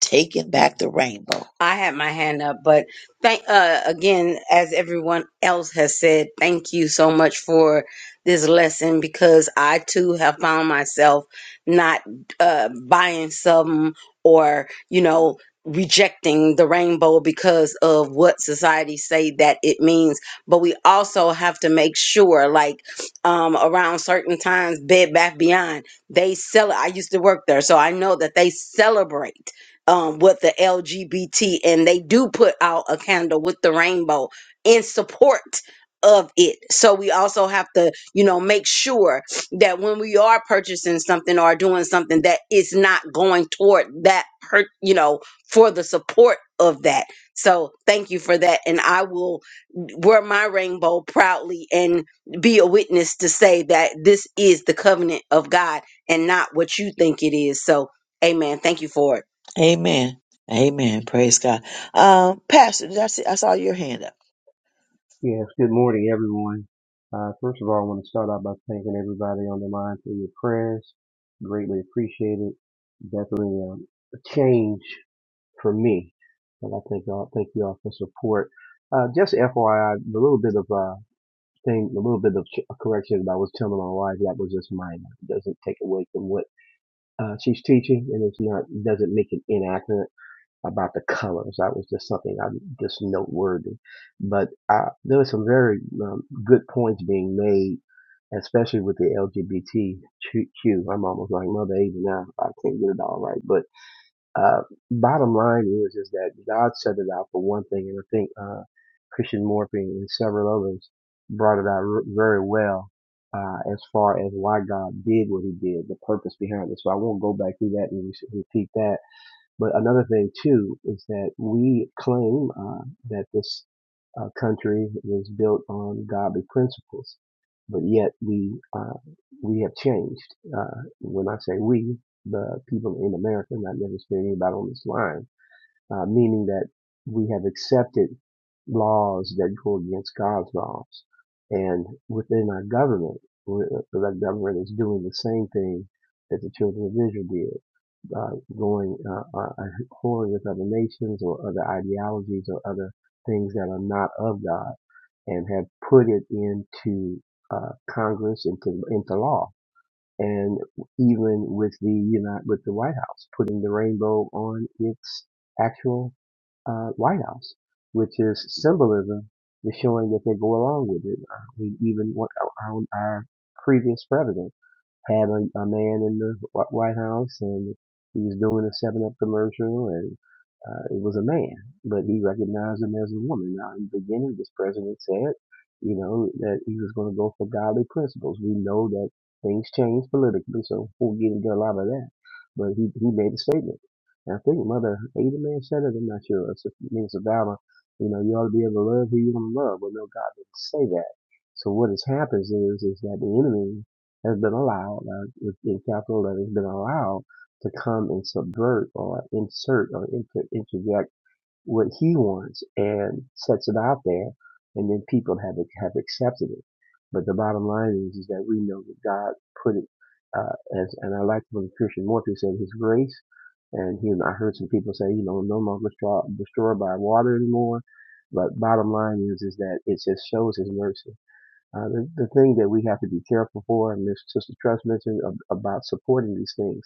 Taking back the rainbow.
I had my hand up, but thank uh, again, as everyone else has said, thank you so much for this lesson because I too have found myself not uh, buying some or you know rejecting the rainbow because of what society say that it means but we also have to make sure like um around certain times bed bath beyond they sell i used to work there so i know that they celebrate um, with the LGBT, and they do put out a candle with the rainbow in support of it. So we also have to, you know, make sure that when we are purchasing something or doing something, that it's not going toward that, per, you know, for the support of that. So thank you for that, and I will wear my rainbow proudly and be a witness to say that this is the covenant of God and not what you think it is. So, Amen. Thank you for it.
Amen. Amen. Praise God. Um, Pastor, did I see, I saw your hand up.
Yes, good morning, everyone. Uh, first of all, I want to start out by thanking everybody on the line for your prayers. Greatly appreciate it. Definitely um, a change for me. And I thank y'all, thank you all for support. Uh, just FYI, the little bit of uh, thing, a little bit of ch- correction that I was telling my wife, that was just mine. It doesn't take away from what uh, she's teaching, and it's not doesn't make it inaccurate about the colors. That was just something I just noteworthy. But I, there were some very um, good points being made, especially with the LGBTQ. I'm almost like Mother Ava now. I can't get it all right. But uh, bottom line is, is that God set it out for one thing, and I think uh, Christian Morphing and several others brought it out r- very well. Uh, as far as why God did what he did, the purpose behind it. So I won't go back through that and re- repeat that but another thing too is that we claim uh, that this uh, country is built on godly principles, but yet we uh, we have changed. Uh, when I say we, the people in America, not necessarily anybody on this line, uh, meaning that we have accepted laws that go against God's laws, and within our government, the government is doing the same thing that the children of Israel did uh, going uh, uh, uh, whoring with other nations or other ideologies or other things that are not of God and have put it into uh, Congress, into into law, and even with the United, with the White House putting the rainbow on its actual uh, White House, which is symbolism, is showing that they go along with it. Uh, we even what our, our our previous president had a, a man in the Wh- White House and he was doing a 7 Up commercial and uh, it was a man, but he recognized him as a woman. Now, in the beginning, this president said, you know, that he was going to go for godly principles. We know that things change politically, so we'll get into a lot of that. But he, he made a statement. And I think Mother Abraham said it, I'm not sure, or Sister Miss Obama, you know, you ought to be able to love who you want to love. Well, no, God didn't say that. So what has happens is, is that the enemy has been allowed, uh, in capital letters, been allowed to come and subvert or insert or inter- interject what he wants and sets it out there, and then people have have accepted it. But the bottom line is, is that we know that God put it uh, as, and I like when Christian Morphy said, His grace. And he, I heard some people say, you know, no longer destroyed by water anymore. But bottom line is, is that it just shows His mercy uh, the, the thing that we have to be careful for, and this Sister Trust mentioned ab- about supporting these things,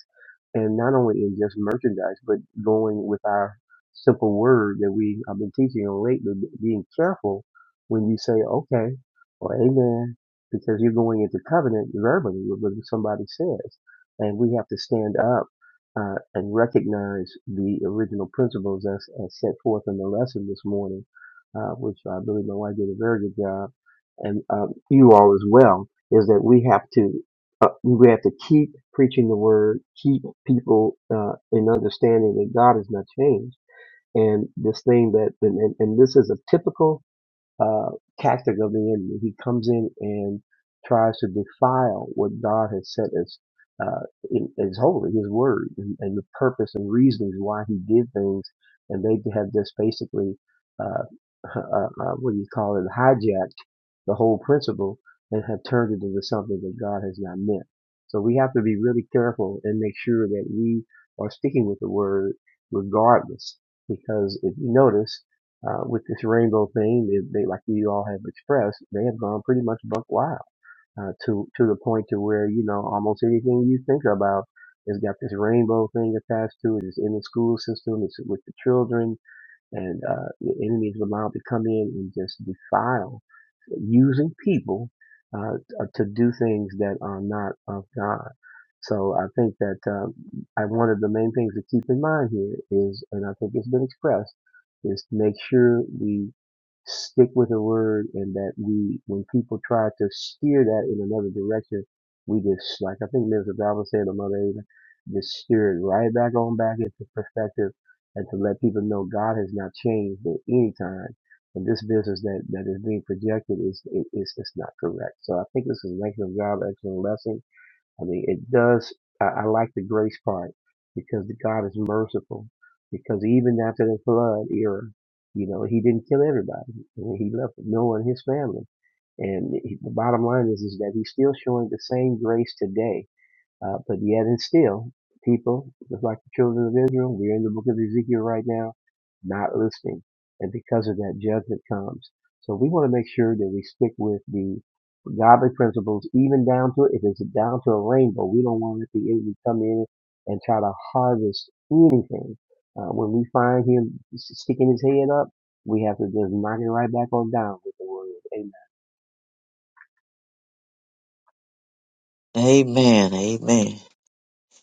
and not only in just merchandise, but going with our simple word that we have been teaching on lately, b- being careful when you say okay or amen, because you're going into covenant verbally with what somebody says, and we have to stand up uh, and recognize the original principles as, as set forth in the lesson this morning, uh, which I believe my wife did a very good job. And uh, you all as well is that we have to uh, we have to keep preaching the word, keep people uh, in understanding that God has not changed, and this thing that and, and, and this is a typical uh, tactic of the enemy. He comes in and tries to defile what God has set as uh, in, as holy, His word, and, and the purpose and reasons why He did things, and they have just basically uh, uh, uh, what do you call it, hijacked the whole principle and have turned it into something that God has not meant. So we have to be really careful and make sure that we are sticking with the word regardless, because if you notice uh, with this rainbow thing, they, they like you all have expressed, they have gone pretty much buck wild uh, to to the point to where you know almost anything you think about has got this rainbow thing attached to it. It's in the school system. It's with the children and uh, the enemies of allowed to come in and just defile, using people uh, to do things that are not of God. So I think that uh, I one of the main things to keep in mind here is, and I think it's been expressed, is to make sure we stick with the word and that we, when people try to steer that in another direction, we just, like I think Mr. Bible said, or Mother Ava, just steer it right back on back into perspective and to let people know God has not changed at any time. And this business that, that is being projected is, is, is just not correct. So I think this is an excellent job, excellent lesson. I mean, it does, I, I like the grace part because God is merciful because even after the flood era, you know, he didn't kill everybody. I mean, he left Noah and his family. And he- the bottom line is, is that he's still showing the same grace today uh, but yet and still, people, just like the children of Israel, we're in the book of Ezekiel right now, not listening. And because of that, judgment comes. So we want to make sure that we stick with the godly principles, even down to, if it's down to a rainbow, we don't want to let the enemy come in and try to harvest anything. Uh, when we find him sticking his head up, we have to just knock it right back on down with the word. Amen.
Amen. Amen.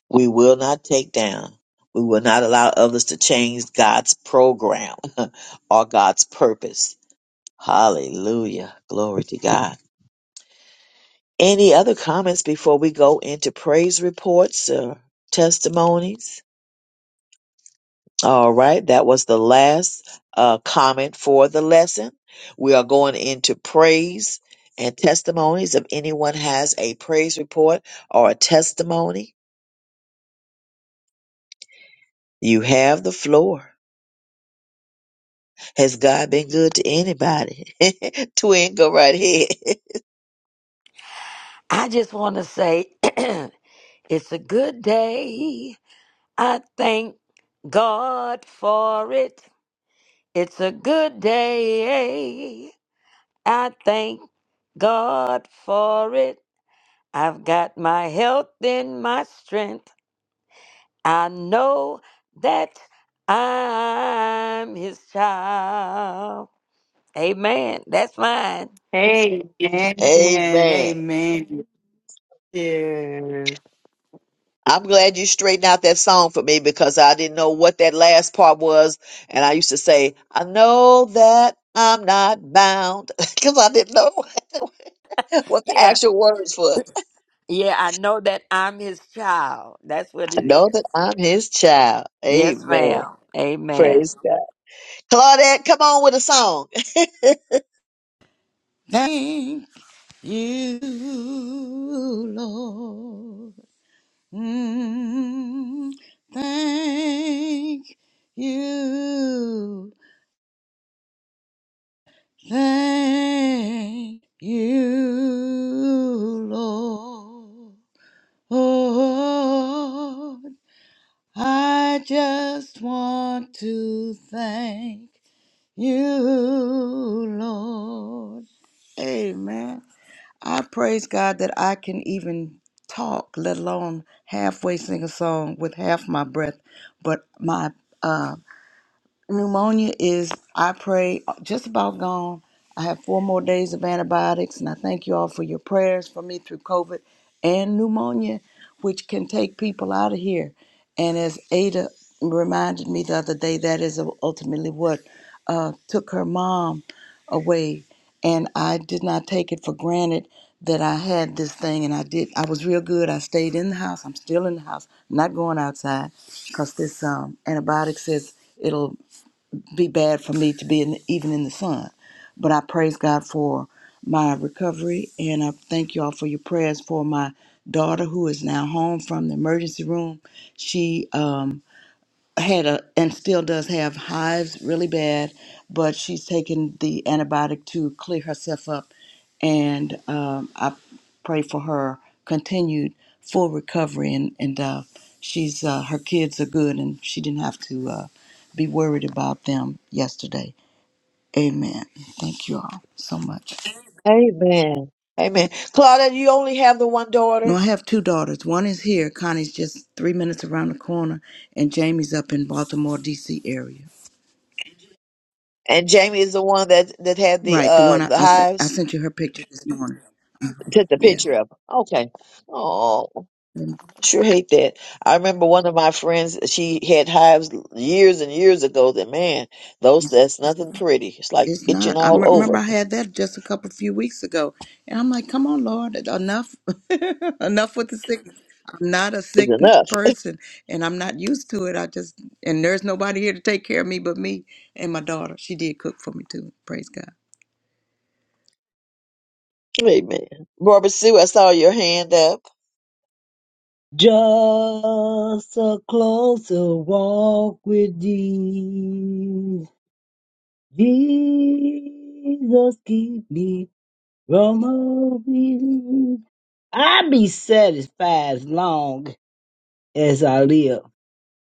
We will not take down. We will not allow others to change God's program or God's purpose. Hallelujah. Glory to God. Any other comments before we go into praise reports or testimonies? All right. That was the last uh, comment for the lesson. We are going into praise and testimonies. If anyone has a praise report or a testimony, you have the floor. Has God been good to anybody? Twin, go right ahead.
I just want to say it's a good day. I thank God for it. It's a good day. I thank God for it. I've got my health and my strength. I know that I'm his child. Amen. That's mine.
Amen.
Amen.
Amen. Yes.
I'm glad you straightened out that song for me because I didn't know what that last part was. And I used to say, I know that I'm not bound because I didn't know what the
Yeah.
actual words was.
Yeah, I know that I'm his child. That's what
I
it
know
is.
that I'm his child.
Yes,
Amen.
ma'am. Amen.
Praise God. Claudette, come on with a song.
Thank you, Lord. Mm, thank you, thank you, Lord. Oh, I just want to thank you, Lord. Amen. I praise God that I can even talk, let alone halfway sing a song with half my breath. But my uh, pneumonia is, I pray, just about gone. I have four more days of antibiotics, and I thank you all for your prayers for me through COVID and pneumonia, which can take people out of here. And as Ada reminded me the other day, that is ultimately what uh, took her mom away. And I did not take it for granted that I had this thing, and I did. I was real good. I stayed in the house. I'm still in the house, I'm not going outside, because this um, antibiotic says it'll be bad for me to be in, even in the sun. But I praise God for my recovery, and I thank you all for your prayers for my daughter who is now home from the emergency room. She um, had a and still does have hives really bad, but she's taken the antibiotic to clear herself up, and um, I pray for her continued full recovery and and uh, she's uh, her kids are good and she didn't have to uh, be worried about them yesterday. Amen. Thank you all so much.
Amen. Amen. Claudette, you only have the one
No,
daughter?
I have two daughters. One is here. Connie's just three minutes around the corner, and Jamie's up in Baltimore, D.C. area.
And Jamie is the one that that had the
Right, the one
uh
I,
the
I sent. I
hives.
sent you her picture this morning.
Took the
Yeah,
picture of. 'em. Okay. Oh,
Mm,
sure hate that. I remember one of my friends. She had hives years and years ago. That man, those
it's,
that's
it's,
nothing pretty. It's like
it's
itching
not. I
all
m- remember
over.
I had that just a couple few weeks ago, and I'm like, "Come on, Lord, e-, enough, enough with the sickness. I'm not a
It's
sick
enough.
person, and I'm not used to it. I just and there's nobody here to take care of me but me and my daughter. She did cook for me too. Praise God.
Amen. Barbara Sue, I saw your hand up.
Just a closer walk with thee. Jesus, keep me Roma, we- I be satisfied as long as I live.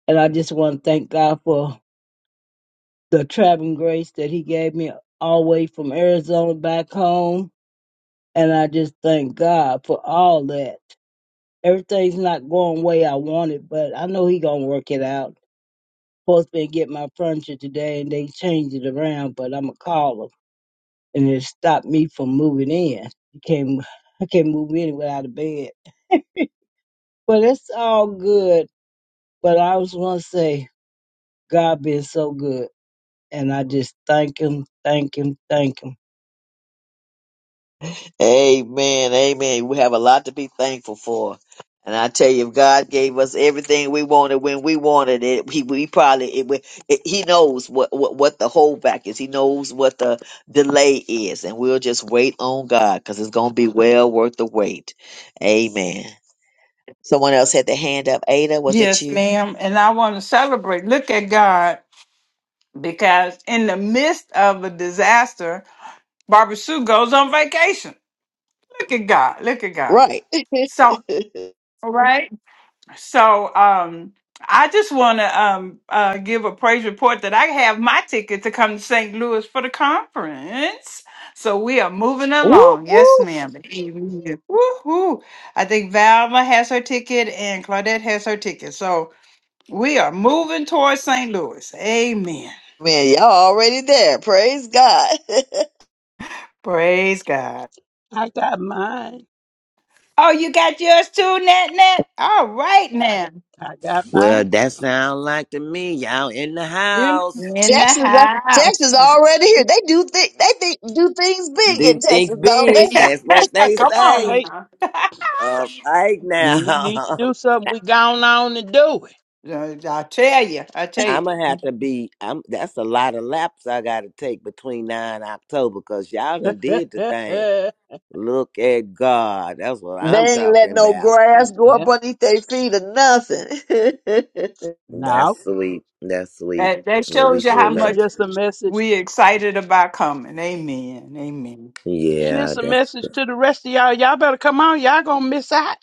And I just want to thank God for the traveling grace that He gave me all the way from Arizona back home. And I just thank God for all that. Everything's not going the way I want it, but I know He gonna work it out. Supposed to be get my furniture today, and they changed it around, but I'ma call call them and it stopped me from moving in. You can't, I can't move in without a bed. But it's all good. But I was going to say, God been so good. And I just thank him, thank him, thank him.
Amen. Amen. We have a lot to be thankful for. And I tell you, if God gave us everything we wanted when we wanted it, he we probably it, we- it, he knows what, what what the holdback is. He knows what the delay is, and we'll just wait on God because it's gonna be well worth the wait. Amen. Someone else had their hand up. Ada, was it
Yes,
you?
ma'am. And I want to celebrate. Look at God because in the midst of a disaster, Barbara Sue goes on vacation. Look at God. Look at God.
Right.
So, right? So um, I just want to um, uh, give a praise report that I have my ticket to come to St. Louis for the conference. So we are moving
whoop
along. Yes,
whoop.
ma'am. Amen. Woo-hoo. I think Valma has her ticket and Claudette has her ticket. So we are moving towards St. Louis. Amen.
Man, y'all already there. Praise God.
Praise God.
I got mine.
Oh, you got yours too, Nat Nat? All right, now.
I got
Well,
mine.
that sound like to me, y'all in the
They're not-
house.
In the
Texas, uh,
house.
Texas already here. They do thi- they think do things big
Do
in
things
Texas, don't they?
big. That's what they
Come
say.
on
Right.
now.
All right now.
When we need to do something, we gone on and do
Uh, I tell you, I tell you,
I'ma have to be I'm that's a lot of laps I gotta take between now and October because y'all done did the thing.
it.
Look at God. That's what
They
I'm
ain't
talking
let no
about.
grass go
yeah.
up underneath their feet or nothing.
Now
That's sweet. That's sweet.
that, that
Well, we
shows you
So
sure
how
It's
gonna
much
just a message,
we excited about coming. Amen. Amen.
and
Yeah,
it's a
that's
message to the rest of y'all. Y'all better come on. Y'all gonna miss out.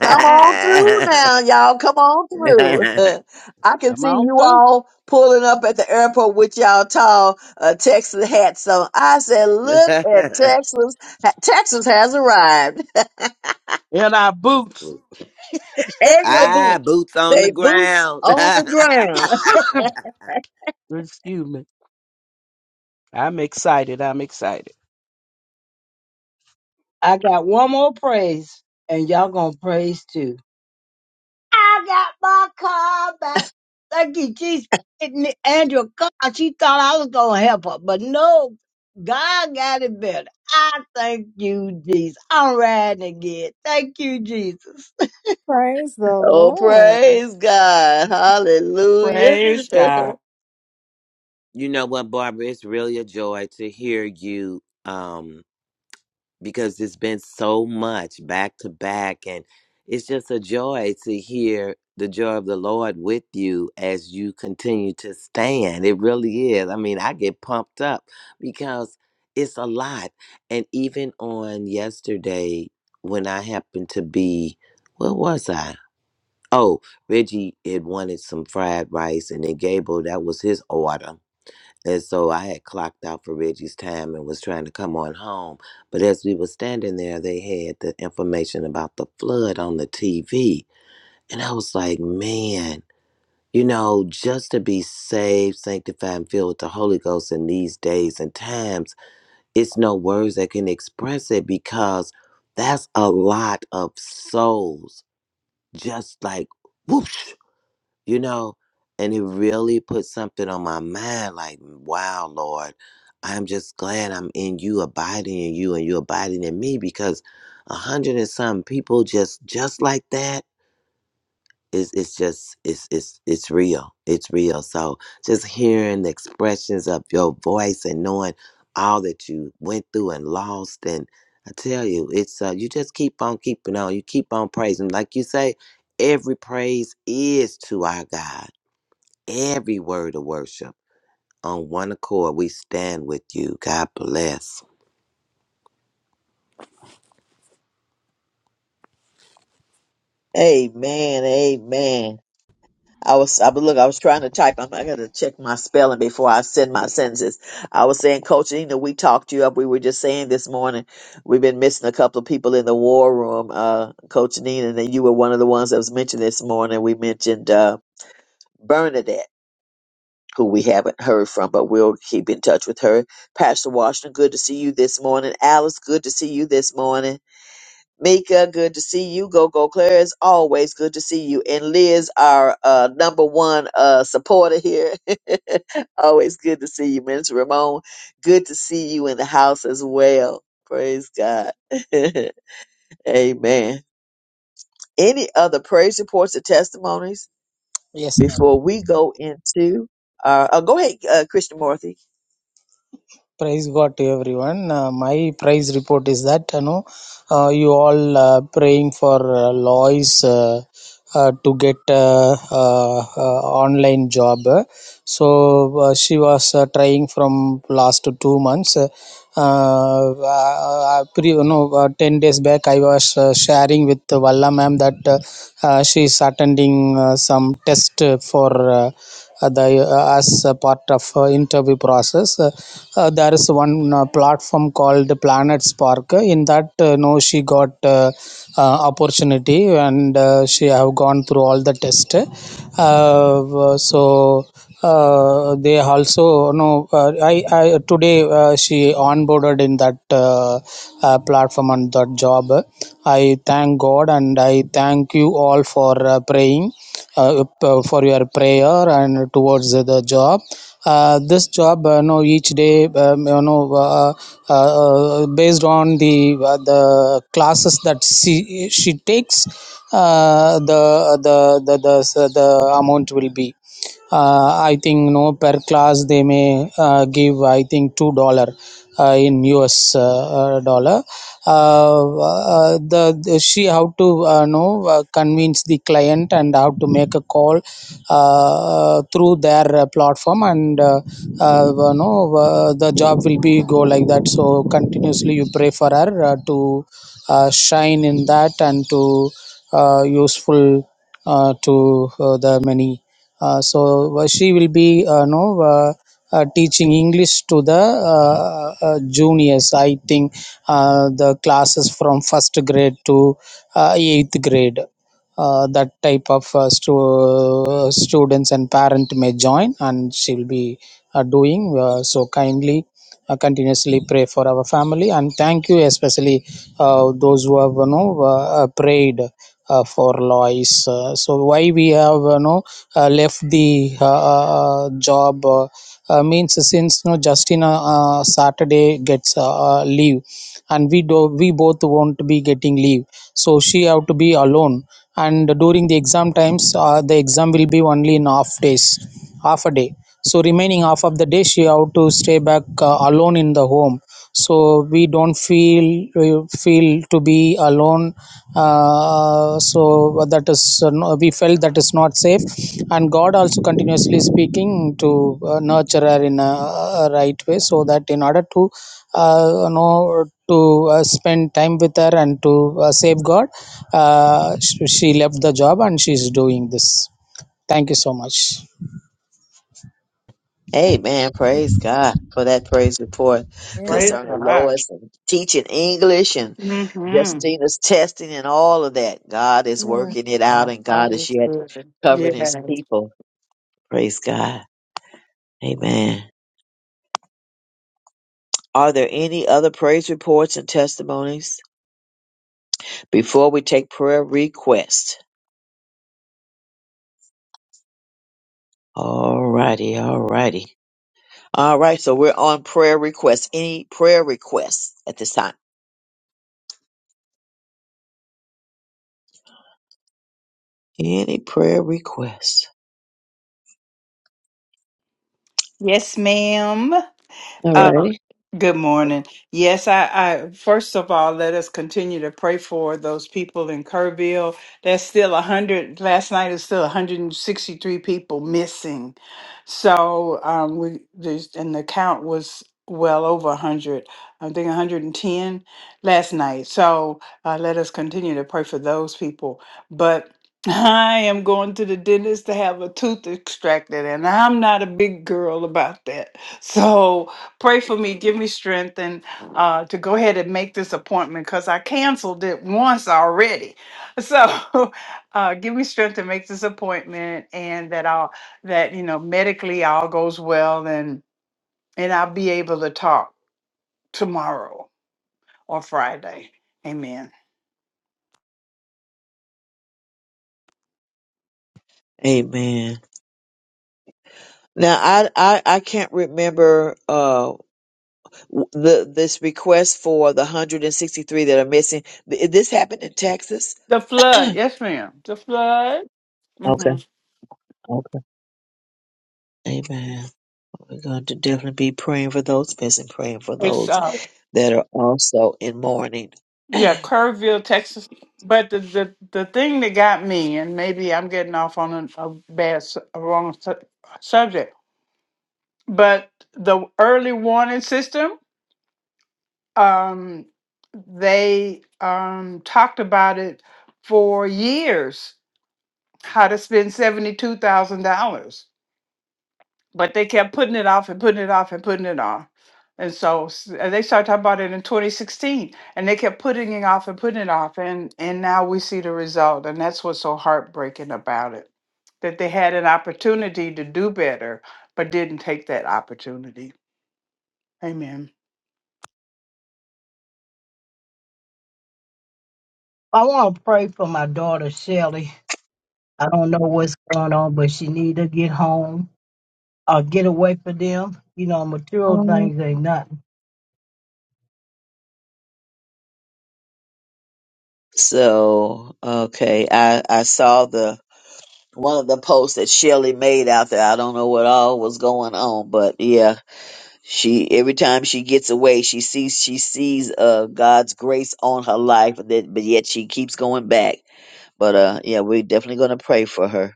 Come on through now, y'all. Come on through. I can
Come
see
on
you
through
all pulling up at the airport with y'all tall uh, Texas hats on. I said, look at Texas. Ha- Texas has arrived.
in our boots.
and your
Ah,
boots.
boots on the
Say boots
ground.
on the ground.
Excuse me. I'm excited. I'm excited.
I got one more praise, and y'all going to praise too. I got my car back. Thank you, Jesus. And Andrew, God, she thought I was going to help her, but no, God got it better. I thank you, Jesus. I'm riding again. Thank you, Jesus.
Praise the
Oh,
Lord.
praise God. Hallelujah.
Praise God.
you know what, Barbara? It's really a joy to hear you um, because it's been so much back to back. And it's just a joy to hear the joy of the Lord with you as you continue to stand. It really is. I mean, I get pumped up because it's a lot. And even on yesterday, when I happened to be, where was I? Oh, Reggie had wanted some fried rice, and then Gable, that was his order. And so I had clocked out for Reggie's time and was trying to come on home. But as we were standing there, they had the information about the flood on the TV. And I was like, man, you know, just to be saved, sanctified, and filled with the Holy Ghost in these days and times, it's no words that can express it because that's a lot of souls just like whoosh you know, and it really put something on my mind like, "Mm, wow, Lord, I'm just glad I'm in you, abiding in you, and you abiding in me because a hundred and some people just just like that is it's just it's it's it's real. It's real. So just hearing the expressions of your voice and knowing all that you went through and lost and I tell you, it's uh, you just keep on keeping on. You keep on praising. Like you say, every praise is to our God every word of worship. On one accord, we stand with you. God bless.
amen. Amen. I was, I, but look, I was trying to type. I'm, I got to check my spelling before I send my sentences. I was saying, Coach Nina, we talked you up. We were just saying this morning, we've been missing a couple of people in the war room, uh, Coach Nina, and you were one of the ones that was mentioned this morning. We mentioned, uh, Bernadette, who we haven't heard from, but we'll keep in touch with her. Pastor Washington, good to see you this morning. Alice, good to see you this morning. Mika, good to see you. Go Go Claire, it's always good to see you. And Liz, our uh, number one uh, supporter here, always good to see you. Miss Ramon, good to see you in the house as well. Praise God. Amen. Any other praise reports or testimonies
Yes, Lord.
before we go into our? Oh, go ahead, uh, Christian Morthy.
Praise God to everyone. Uh, my praise report is that you know uh, you all uh, praying for uh, Lois uh, uh, to get uh, uh, uh, online job. So uh, she was uh, trying from last two months. Uh, uh, pre, you know, uh, ten days back I was uh, sharing with Valla ma'am that uh, uh, she is attending uh, some test for. Uh, uh, the uh, as a part of uh, interview process Uh, uh, there is one uh, platform called planet spark in that uh, no she got uh, uh, opportunity and uh, she have gone through all the test uh, uh, so uh, they also no uh, I, I today uh, she onboarded in that uh, uh, platform and that job i thank god and i thank you all for uh, praying uh, p- for your prayer and towards the job uh, this job uh, you know each day um, you know uh, uh, uh, based on the uh, the classes that she she takes uh, the, the the the the amount will be uh, i think no per class they may uh, give i think 2 dollar uh, in us uh, uh, dollar uh, uh, the, the she how to uh, know uh, convince the client and how to make a call uh, uh, through their uh, platform and uh, uh, no uh, the job will be go like that so continuously you pray for her uh, to uh, shine in that and to uh, useful uh, to uh, the many uh, so uh, she will be uh, no uh, uh, teaching English to the uh, uh, juniors. I think uh, the classes from first grade to uh, eighth grade. Uh, that type of uh, stu- uh, students and parent may join, and she will be uh, doing uh, so kindly uh, continuously pray for our family and thank you especially uh, those who have you know uh, prayed uh, for Lois. Uh, so why we have you know uh, left the uh, uh, job uh, uh, means since you know Justin uh, uh, Saturday gets uh, uh, leave and we do we both won't be getting leave so she have to be alone and during the exam times uh, the exam will be only in half days half a day so remaining half of the day she have to stay back uh, alone in the home so we don't feel we feel to be alone uh, so that is uh, no- we felt that is not safe and god also continuously speaking to uh, nurture her in a, a right way so that in order to uh, you know to uh, spend time with her and to uh, save God, uh, she she left the job and she is doing this thank you so much
Amen. Praise God for that praise report
Praise
concerning
God.
Lois and teaching English and.
Mm-hmm.
Justina's testing and all of that. God is working it
Uh,
out and
God
God is
is
yet
good.
covering
yes.
his people. Praise God. Amen. Are there any other praise reports and testimonies before we take prayer requests? All righty, all righty. All right, so we're on prayer requests. Any prayer requests at this time? Any prayer requests?
Yes, ma'am.
All
Uh,
righty.
Good morning. Yes, I, I first of all let us continue to pray for those people in Kerrville. There's still a hundred. Last night is still 163 people missing. So um, we there's, and the count was well over 100. I think 110 last night. So uh, let us continue to pray for those people. But I am going to the dentist to have a tooth extracted, and I'm not a big girl about that. So pray for me, give me strength, and uh, to go ahead and make this appointment because I canceled it once already. So uh, give me strength to make this appointment, and that I'll that you know medically all goes well, and and I'll be able to talk tomorrow or Friday. Amen.
Amen. Now I I, I can't remember uh the this request for the 163 that are missing. th- This happened in Texas.
The flood,
okay.
yes, ma'am. The flood. hmm
Okay. Amen. We're going to definitely be praying for those missing, praying for
It's
those
uh,
that are also in mourning.
yeah, Kerrville, Texas. But the, the the thing that got me, and maybe I'm getting off on a, a bad su- wrong su- subject, but the early warning system, um, they um talked about it for years, how to spend seventy two thousand dollars but they kept putting it off and putting it off and putting it off. And so s- and they started talking about it in 2016, and they kept putting it off and putting it off, and and now we see the result, and that's what's so heartbreaking about it, that they had an opportunity to do better, but didn't take that opportunity. Amen.
I want to pray for my daughter, Shelly. I don't know what's going on, but she need to get home or get away from them. You know, material things ain't nothing.
so, okay, I I saw the one of the posts that Shelley made out there. I don't know what all was going on, but yeah, she every time she gets away, she sees she sees uh God's grace on her life, and that but yet she keeps going back But uh, yeah, we're definitely going to pray for her.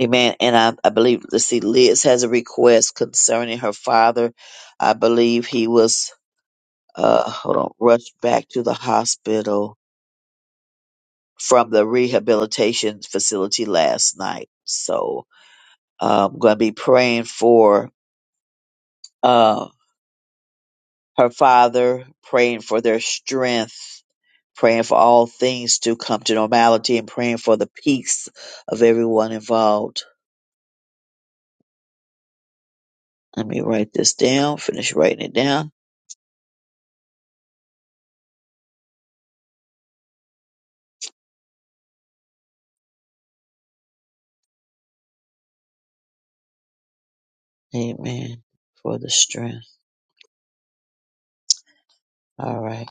Amen. And I, I believe, let's see, Liz has a request concerning her father. I believe he was, uh, hold on, rushed back to the hospital from the rehabilitation facility last night. So uh, I'm going to be praying for uh, her father, praying for their strength, praying for all things to come to normality, and praying for the peace of everyone involved. Let me write this down, finish writing it down. Amen. For the strength. All right.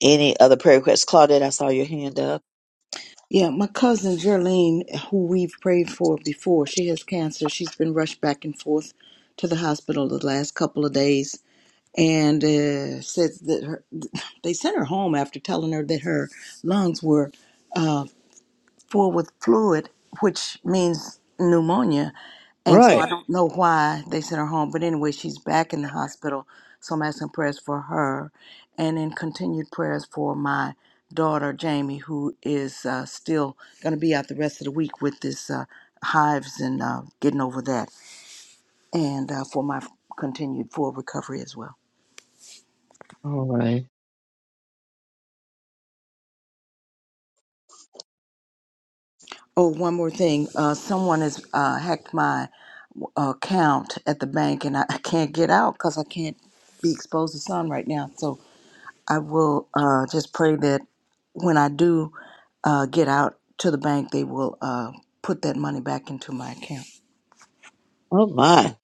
Any other prayer requests? Claudette, I saw your hand up.
Yeah, my cousin Gerlene, who we've prayed for before, she has cancer. She's been rushed back and forth to the hospital the last couple of days and uh, says that her, they sent her home after telling her that her lungs were uh, full with fluid, which means pneumonia. And so I
Right.
don't know why they sent her home, but anyway, she's back in the hospital. So I'm asking prayers for her, and then continued prayers for my daughter Jamie, who is uh, still going to be out the rest of the week with this uh, hives and uh, getting over that, and uh, for my continued full recovery as well.
All right.
Oh, one more thing. Uh, someone has uh, hacked my uh, account at the bank, and I, I can't get out because I can't be exposed to sun right now. So I will uh, just pray that when I do uh, get out to the bank, they will uh, put that money back into my account.
Oh my.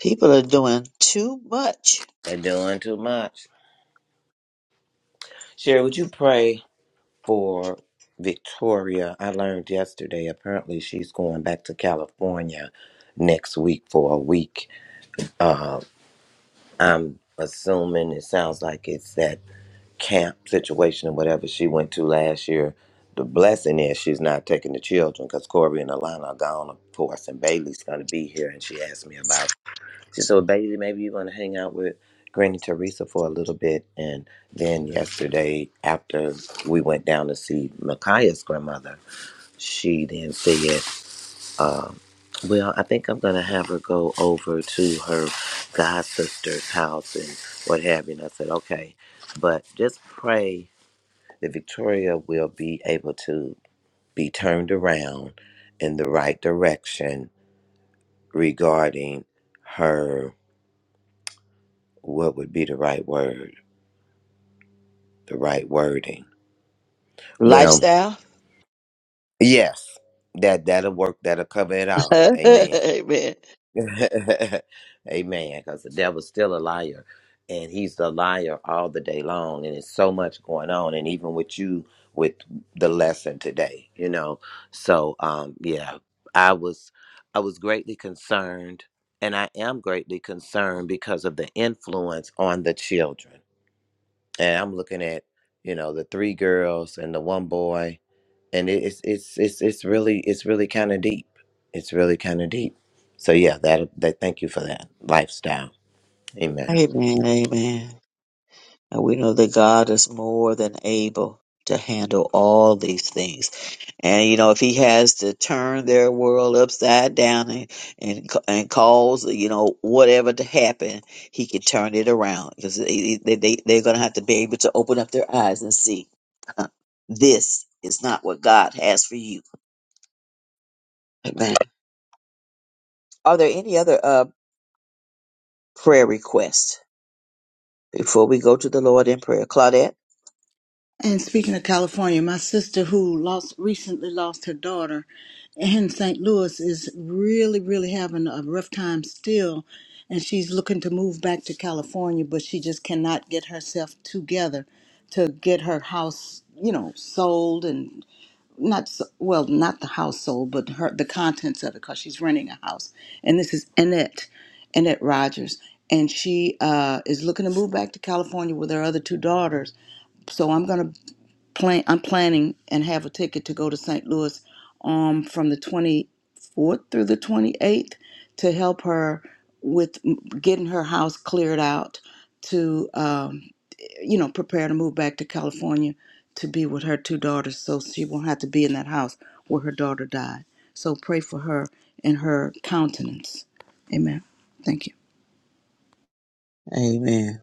People are doing too much.
They're doing too much. Sherry, would you pray for Victoria? I learned yesterday apparently she's going back to California next week for a week. Uh, I'm assuming it sounds like it's that camp situation or whatever she went to last year. The blessing is she's not taking the children because Corey and Alana are gone, of course, and Bailey's going to be here. And she asked me about She said, well, Bailey, maybe you want to hang out with Granny Teresa for a little bit. And then yesterday, after we went down to see Micaiah's grandmother, she then said, um, well, I think I'm going to have her go over to her god sister's house and what have you. And I said, okay. But just pray that Victoria will be able to be turned around in the right direction regarding her, what would be the right word? the right wording. Well,
Lifestyle.
yes, that that'll work. That'll cover it all. Amen.
Amen.
Amen. Because the devil's still a liar, and he's the liar all the day long. And it's so much going on, and even with you with the lesson today, you know. So, um, yeah, I was I was greatly concerned, and I am greatly concerned because of the influence on the children. And I'm looking at you know the three girls and the one boy and it- it's it's it's it's really it's really kind of deep. It's really kind of deep. So yeah, that that thank you for that lifestyle. Amen.
Amen. Amen. And we know that God is more than able to handle all these things. And you know, if he has to turn their world upside down and and, ca- and cause you know whatever to happen, he can turn it around because they, they they they're gonna have to be able to open up their eyes and see huh, this is not what God has for you. Amen. Are there any other uh prayer requests before we go to the Lord in prayer, Claudette?
And speaking of California, my sister who lost recently lost her daughter in St. Louis is really, really having a rough time still. And she's looking to move back to California, but she just cannot get herself together to get her house, you know, sold and not s- well, not the house sold, but her the contents of it because she's renting a house. And this is Annette, Annette Rogers, and she uh, is looking to move back to California with her other two daughters. So I'm gonna plan I'm planning and have a ticket to go to St. Louis um from the 24th through the 28th to help her with m- getting her house cleared out to um you know prepare to move back to California to be with her two daughters so she won't have to be in that house where her daughter died. So pray for her and her countenance. Amen. Thank you.
Amen.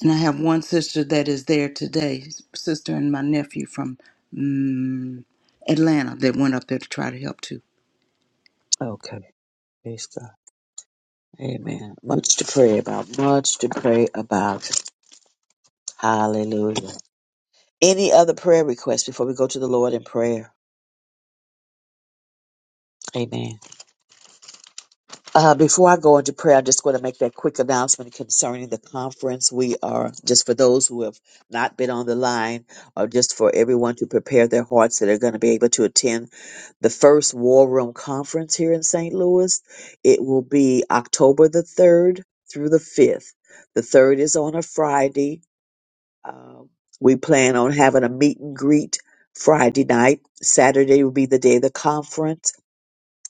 And I have one sister that is there today, sister and my nephew from mm Atlanta that went up there to try to help too.
Okay. Praise God. Amen. Much to pray about. Much to pray about. Hallelujah. Any other prayer requests before we go to the Lord in prayer? Amen. Uh, before I go into prayer, I'm just going to make that quick announcement concerning the conference. We are, just for those who have not been on the line, or just for everyone to prepare their hearts that are going to be able to attend the first War Room Conference here in St. Louis. It will be October the 3rd through the 5th. The 3rd is on a Friday. Um, we plan on having a meet and greet Friday night. Saturday will be the day of the conference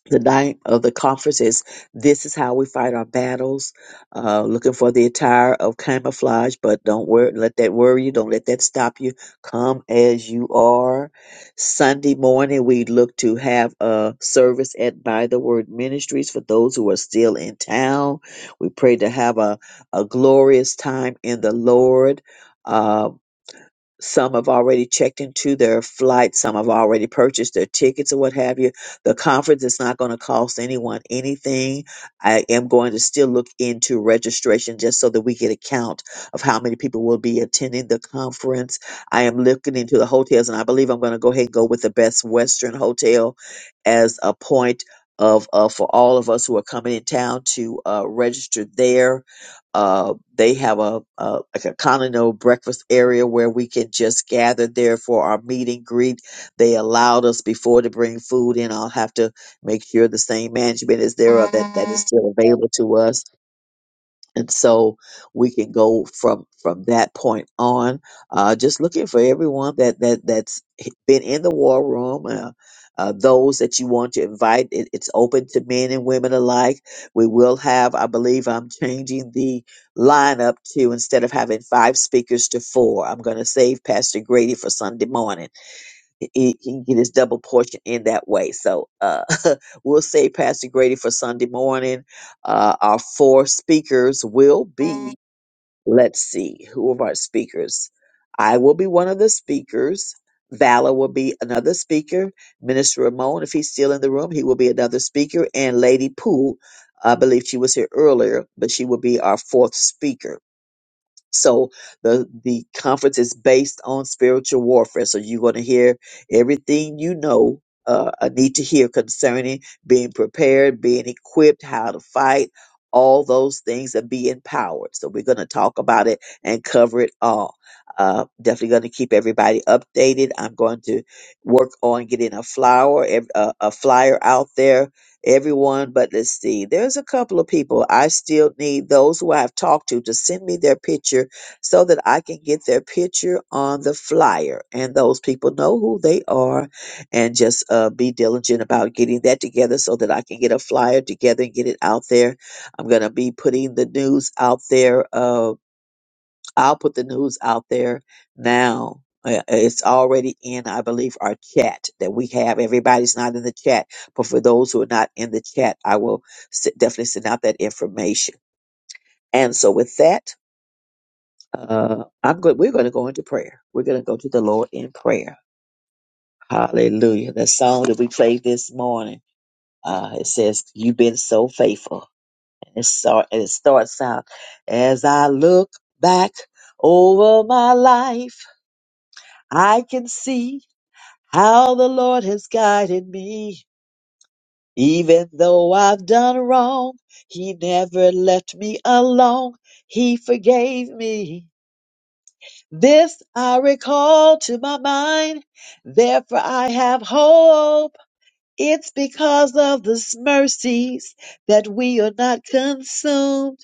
the night of the conference is this is how we fight our battles uh, looking for the attire of camouflage but don't worry let that worry you don't let that stop you come as you are sunday morning we look to have a service at by the word ministries for those who are still in town we pray to have a, a glorious time in the lord Uh, some have already checked into their flight. Some have already purchased their tickets or what have you. The conference is not going to cost anyone anything. I am going to still look into registration just so that we get a count of how many people will be attending the conference. I am looking into the hotels and I believe I'm going to go ahead and go with the best Western hotel as a point of, uh, for all of us who are coming in town to uh, register there uh, they have a, a like a condo breakfast area where we can just gather there for our meet and greet. They allowed us before to bring food in. I'll have to make sure the same management is there or that that is still available to us and so we can go from from that point on uh just looking for everyone that that that's been in the war room uh, uh, those that you want to invite it, it's open to men and women alike we will have i believe i'm changing the lineup to instead of having five speakers to four i'm going to save pastor grady for sunday morning he, he he can get his double portion in that way. So uh, we'll save Pastor Grady for Sunday morning. Uh, our four speakers will be, let's see, who of our speakers? I will be one of the speakers. Valor will be another speaker. Minister Ramon, if he's still in the room, he will be another speaker. And Lady Poole, I believe she was here earlier, but she will be our fourth speaker. So the the conference is based on spiritual warfare. So you're going to hear everything you know. Uh, I need to hear concerning being prepared, being equipped, how to fight, all those things, and be empowered. So we're going to talk about it and cover it all. Uh, definitely going to keep everybody updated. I'm going to work on getting a flower, ev- a, a flyer out there everyone but let's see there's a couple of people i still need those who i've talked to to send me their picture so that i can get their picture on the flyer and those people know who they are and just uh, be diligent about getting that together so that i can get a flyer together and get it out there i'm going to be putting the news out there Uh, I'll put the news out there now. Uh, It's already in, I believe, our chat that we have. Everybody's not in the chat, but for those who are not in the chat, I will s- definitely send out that information. And so, with that, uh, I'm good. We're going to go into prayer. We're going to go to the Lord in prayer. Hallelujah. The song that we played this morning, uh, it says, "You've been so faithful." And it, start, and it starts out, "As I look back over my life." I can see how the Lord has guided me. Even though I've done wrong, He never left me alone. He forgave me. This I recall to my mind. Therefore I have hope. It's because of His mercies that we are not consumed.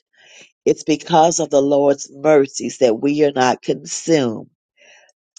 It's because of the Lord's mercies that we are not consumed.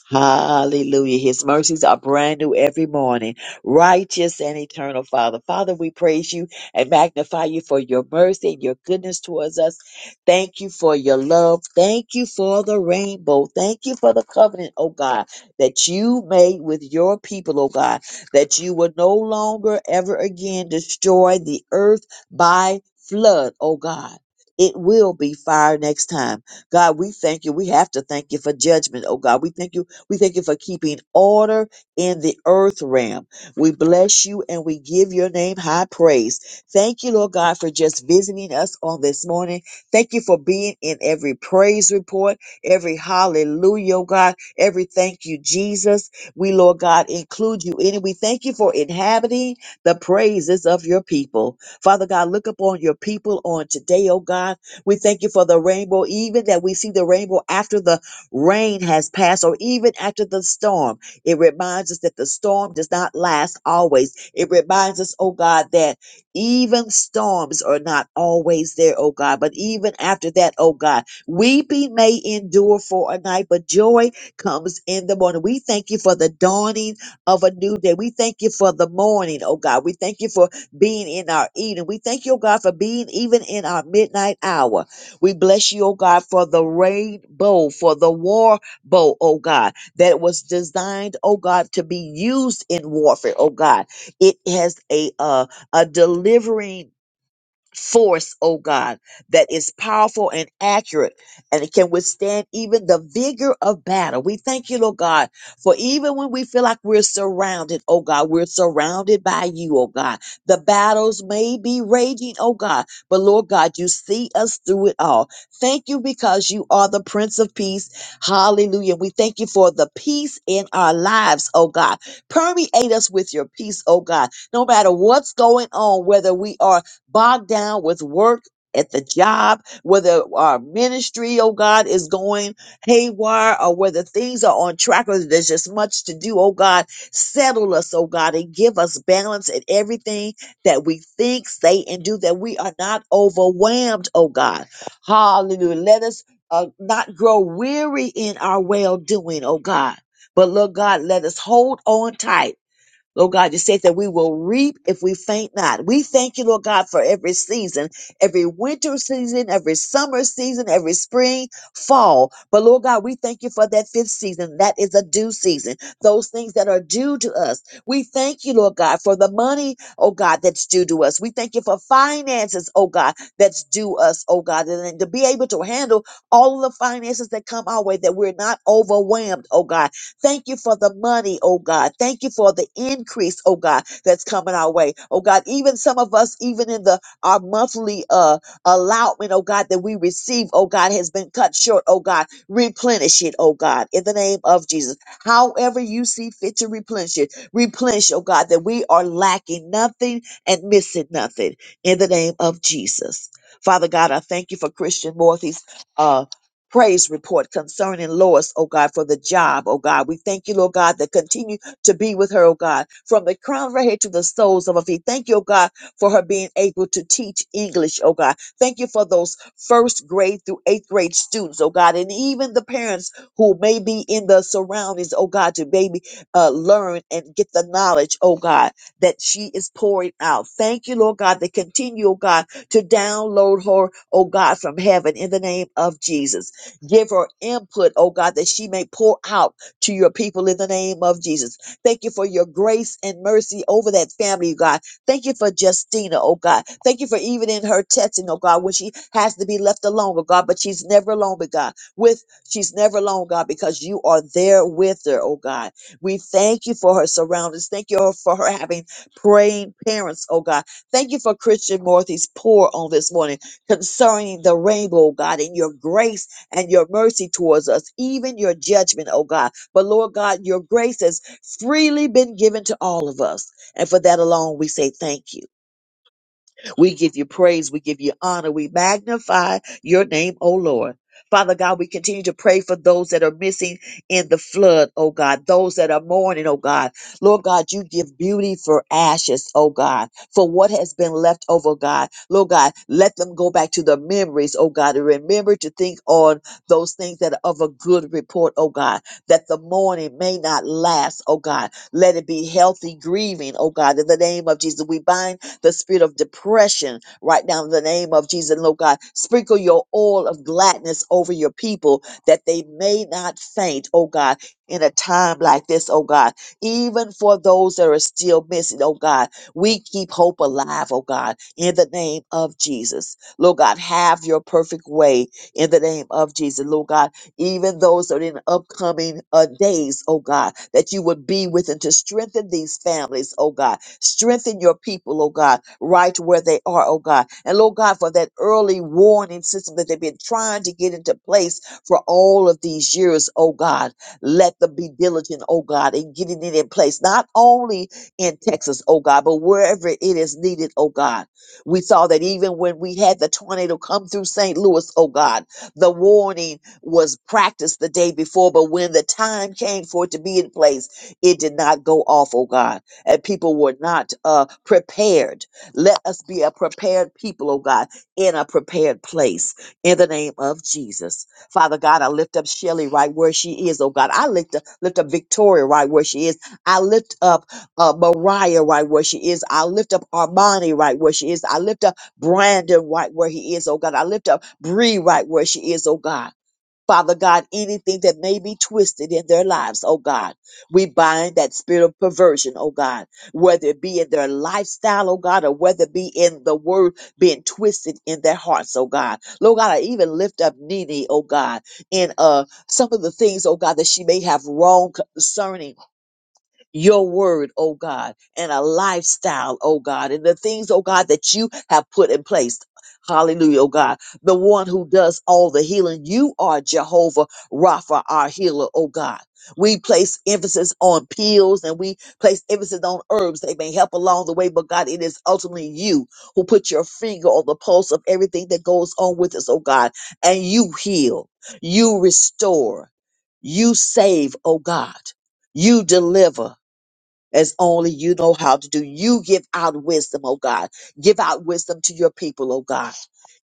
Hallelujah. His mercies are brand new every morning. Righteous and eternal Father. Father, we praise you and magnify you for your mercy and your goodness towards us. Thank you for your love. Thank you for the rainbow. Thank you for the covenant, oh God, that you made with your people, oh God, that you will no longer ever again destroy the earth by flood, oh God. It will be fire next time. God, we thank you. We have to thank you for judgment, oh God. We thank you we thank you for keeping order in the earth realm. We bless you and we give your name high praise. Thank you, Lord God, for just visiting us on this morning. Thank you for being in every praise report, every hallelujah, oh God, every thank you, Jesus. We, Lord God, include you in it. We thank you for inhabiting the praises of your people. Father God, look upon your people on today, oh God. We thank you for the rainbow, even that we see the rainbow after the Rain has passed, or even after the storm, it reminds us that the storm does not last always. It reminds us, oh God, that even storms are not always there, oh God. But even after that, oh God, weeping may endure for a night, but joy comes in the morning. We thank you for the dawning of a new day. We thank you for the morning, oh God. We thank you for being in our evening. We thank you, oh God, for being even in our midnight hour. We bless you, oh God, for the rainbow, for the war bow, oh God, that was designed, oh God, to be used in warfare, oh God. It has a uh, a delivering force, oh God, that is powerful and accurate and it can withstand even the vigor of battle. We thank you, Lord God, for even when we feel like we're surrounded, oh God, we're surrounded by you, oh God. The battles may be raging, oh God, but Lord God, you see us through it all. Thank you because you are the Prince of Peace. Hallelujah. We thank you for the peace in our lives, oh God. Permeate us with your peace, oh God. No matter what's going on, whether we are bogged down with work at the job, whether our ministry, oh God, is going haywire or whether things are on track or there's just much to do, oh God, settle us, oh God, and give us balance in everything that we think, say, and do, that we are not overwhelmed, oh God. Hallelujah. Let us uh, not grow weary in our well doing, oh God. But Lord God, let us hold on tight Lord God, you said that we will reap if we faint not. We thank you, Lord God, for every season, every winter season, every summer season, every spring, fall. But Lord God, we thank you for that fifth season. That is a due season. Those things that are due to us. We thank you, Lord God, for the money, oh God, that's due to us. We thank you for finances, oh God, that's due us, oh God, and to be able to handle all of the finances that come our way, that we're not overwhelmed, oh God Thank you for the money, oh God. Thank you for the increase, oh God, that's coming our way. Oh God, even some of us, even in the our monthly uh allotment, oh God, that we receive, oh God, has been cut short, oh God. Replenish it, oh God, in the name of Jesus. However you see fit to replenish it, replenish, oh God, that we are lacking nothing and missing nothing in the name of Jesus. Father God, I thank you for Christian Morthy's uh praise report concerning Lois, oh God, for the job, oh God. We thank you, Lord God, that continue to be with her, oh God, from the crown of her head to the soles of her feet. Thank you, oh God, for her being able to teach English, oh God. Thank you for those first grade through eighth grade students, oh God, and even the parents who may be in the surroundings, oh God, to maybe uh, learn and get the knowledge, oh God, that she is pouring out. Thank you, Lord God, that continue, oh God, to download her, oh God, from heaven in the name of Jesus. Give her input, oh God, that she may pour out to your people in the name of Jesus. Thank you for your grace and mercy over that family, God. Thank you for Justina, oh God. Thank you for even in her testing, oh God, when she has to be left alone, oh God, but she's never alone, but God, with she's never alone, God, because you are there with her, oh God. We thank you for her surroundings. Thank you for her having praying parents, oh God. Thank you for Christian Morthy's pour on this morning concerning the rainbow, God, and your grace and your mercy towards us, even your judgment, oh God. But Lord God, your grace has freely been given to all of us. And for that alone, we say thank you. We give you praise. We give you honor. We magnify your name, O Lord. Father God, we continue to pray for those that are missing in the flood, oh God, those that are mourning, oh God. Lord God, you give beauty for ashes, oh God, for what has been left over, God. Lord God, let them go back to the memories, oh God, and remember to think on those things that are of a good report, oh God, that the mourning may not last, oh God. Let it be healthy grieving, oh God, in the name of Jesus. We bind the spirit of depression right now in the name of Jesus. And Lord God, sprinkle your oil of gladness over your people that they may not faint, oh God, in a time like this, oh God. Even for those that are still missing, oh God, we keep hope alive, oh God, in the name of Jesus. Lord God, have your perfect way in the name of Jesus. Lord God, even those that are in upcoming uh, days, oh God, that you would be with and to strengthen these families, oh God Strengthen your people, oh God, right where they are, oh God. And Lord God, for that early warning system that they've been trying to get into place for all of these years, oh God. Let them be diligent, oh God, in getting it in place, not only in Texas, oh God, but wherever it is needed, oh God. We saw that even when we had the tornado come through St. Louis, oh God, the warning was practiced the day before, but when the time came for it to be in place, it did not go off, oh God and people were not uh, prepared. Let us be a prepared people, oh God, in a prepared place in the name of Jesus. Father God, I lift up Shelly right where she is, oh God. I lift up, lift up Victoria right where she is. I lift up uh, Mariah right where she is. I lift up Armani right where she is. I lift up Brandon right where he is, oh God. I lift up Bree right where she is, oh God. Father God, anything that may be twisted in their lives, oh God. We bind that spirit of perversion, oh God, whether it be in their lifestyle, oh God, or whether it be in the word being twisted in their hearts, oh God. Lord God, I even lift up Nene, oh God, in uh some of the things, oh God, that she may have wrong concerning your word, oh God, and a lifestyle, oh God, and the things, oh God, that you have put in place. Hallelujah, oh God. The one who does all the healing. You are Jehovah Rapha, our healer, oh God. We place emphasis on pills and we place emphasis on herbs. They may help along the way, but God, it is ultimately you who put your finger on the pulse of everything that goes on with us, oh God. And you heal, you restore, you save, oh God, you deliver as only you know how to do. You give out wisdom, oh God. Give out wisdom to your people, oh God.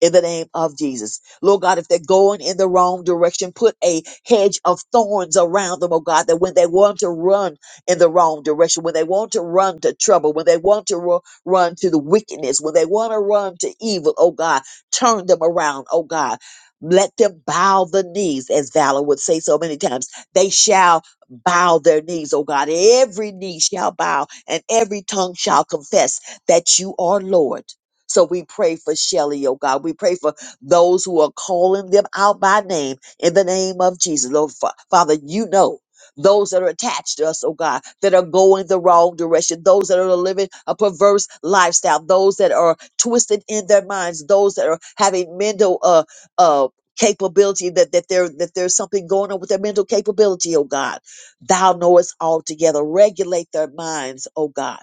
In the name of Jesus. Lord God, if they're going in the wrong direction, put a hedge of thorns around them, oh God, that when they want to run in the wrong direction, when they want to run to trouble, when they want to ru- run to the wickedness, when they want to run to evil, oh God, turn them around, oh God. Let them bow the knees, as Valor would say so many times. They shall bow their knees, oh God. Every knee shall bow and every tongue shall confess that you are Lord. So we pray for Shelly, oh God. We pray for those who are calling them out by name in the name of Jesus. Lord, Fa- Father, you know those that are attached to us, oh God, that are going the wrong direction, those that are living a perverse lifestyle, those that are twisted in their minds, those that are having mental uh uh capability that that there that there's something going on with their mental capability, oh God. Thou knowest altogether. Regulate their minds, O God.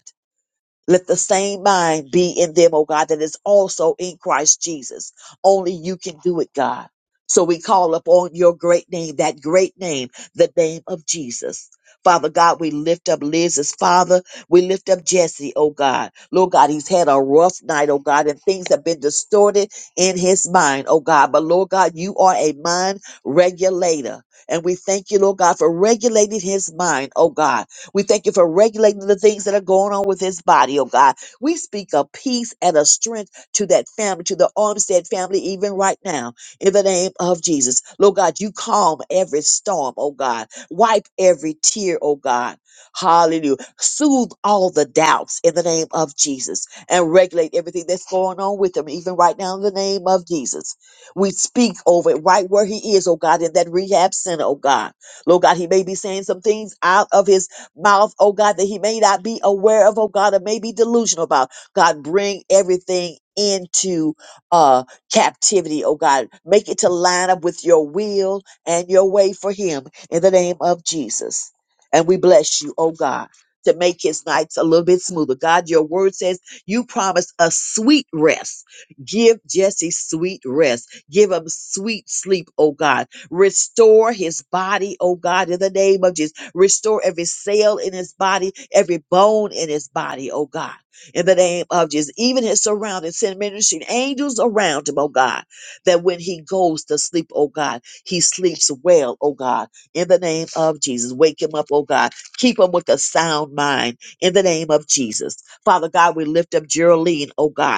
Let the same mind be in them, oh God, that is also in Christ Jesus. Only you can do it, God. So we call upon your great name, that great name, the name of Jesus. Father God, we lift up Liz's father. We lift up Jesse, oh God. Lord God, he's had a rough night, oh God, and things have been distorted in his mind, oh God. But Lord God, you are a mind regulator. And we thank you, Lord God, for regulating his mind, oh God. We thank you for regulating the things that are going on with his body, oh God. We speak of peace and a strength to that family, to the Armstead family, even right now, in the name of Jesus. Lord God, you calm every storm, oh God. Wipe every tear, oh God. Hallelujah. Soothe all the doubts in the name of Jesus and regulate everything that's going on with him, even right now, in the name of Jesus. We speak over it right where he is, oh God, in that rehab center, oh God. Lord God, he may be saying some things out of his mouth, oh God, that he may not be aware of, oh God, or may be delusional about. God, bring everything into uh captivity, oh God. Make it to line up with your will and your way for him in the name of Jesus. And we bless you, oh God. To make his nights a little bit smoother. God, your word says you promised a sweet rest. Give Jesse sweet rest. Give him sweet sleep, oh God Restore his body, oh God, in the name of Jesus. Restore every cell in his body, every bone in his body, oh God, in the name of Jesus. Even his surroundings, send ministering angels around him, oh God, that when he goes to sleep, oh God, he sleeps well, oh God, in the name of Jesus. Wake him up, oh God. Keep him with a sound mind in the name of Jesus. Father God, we lift up Geraldine, oh God.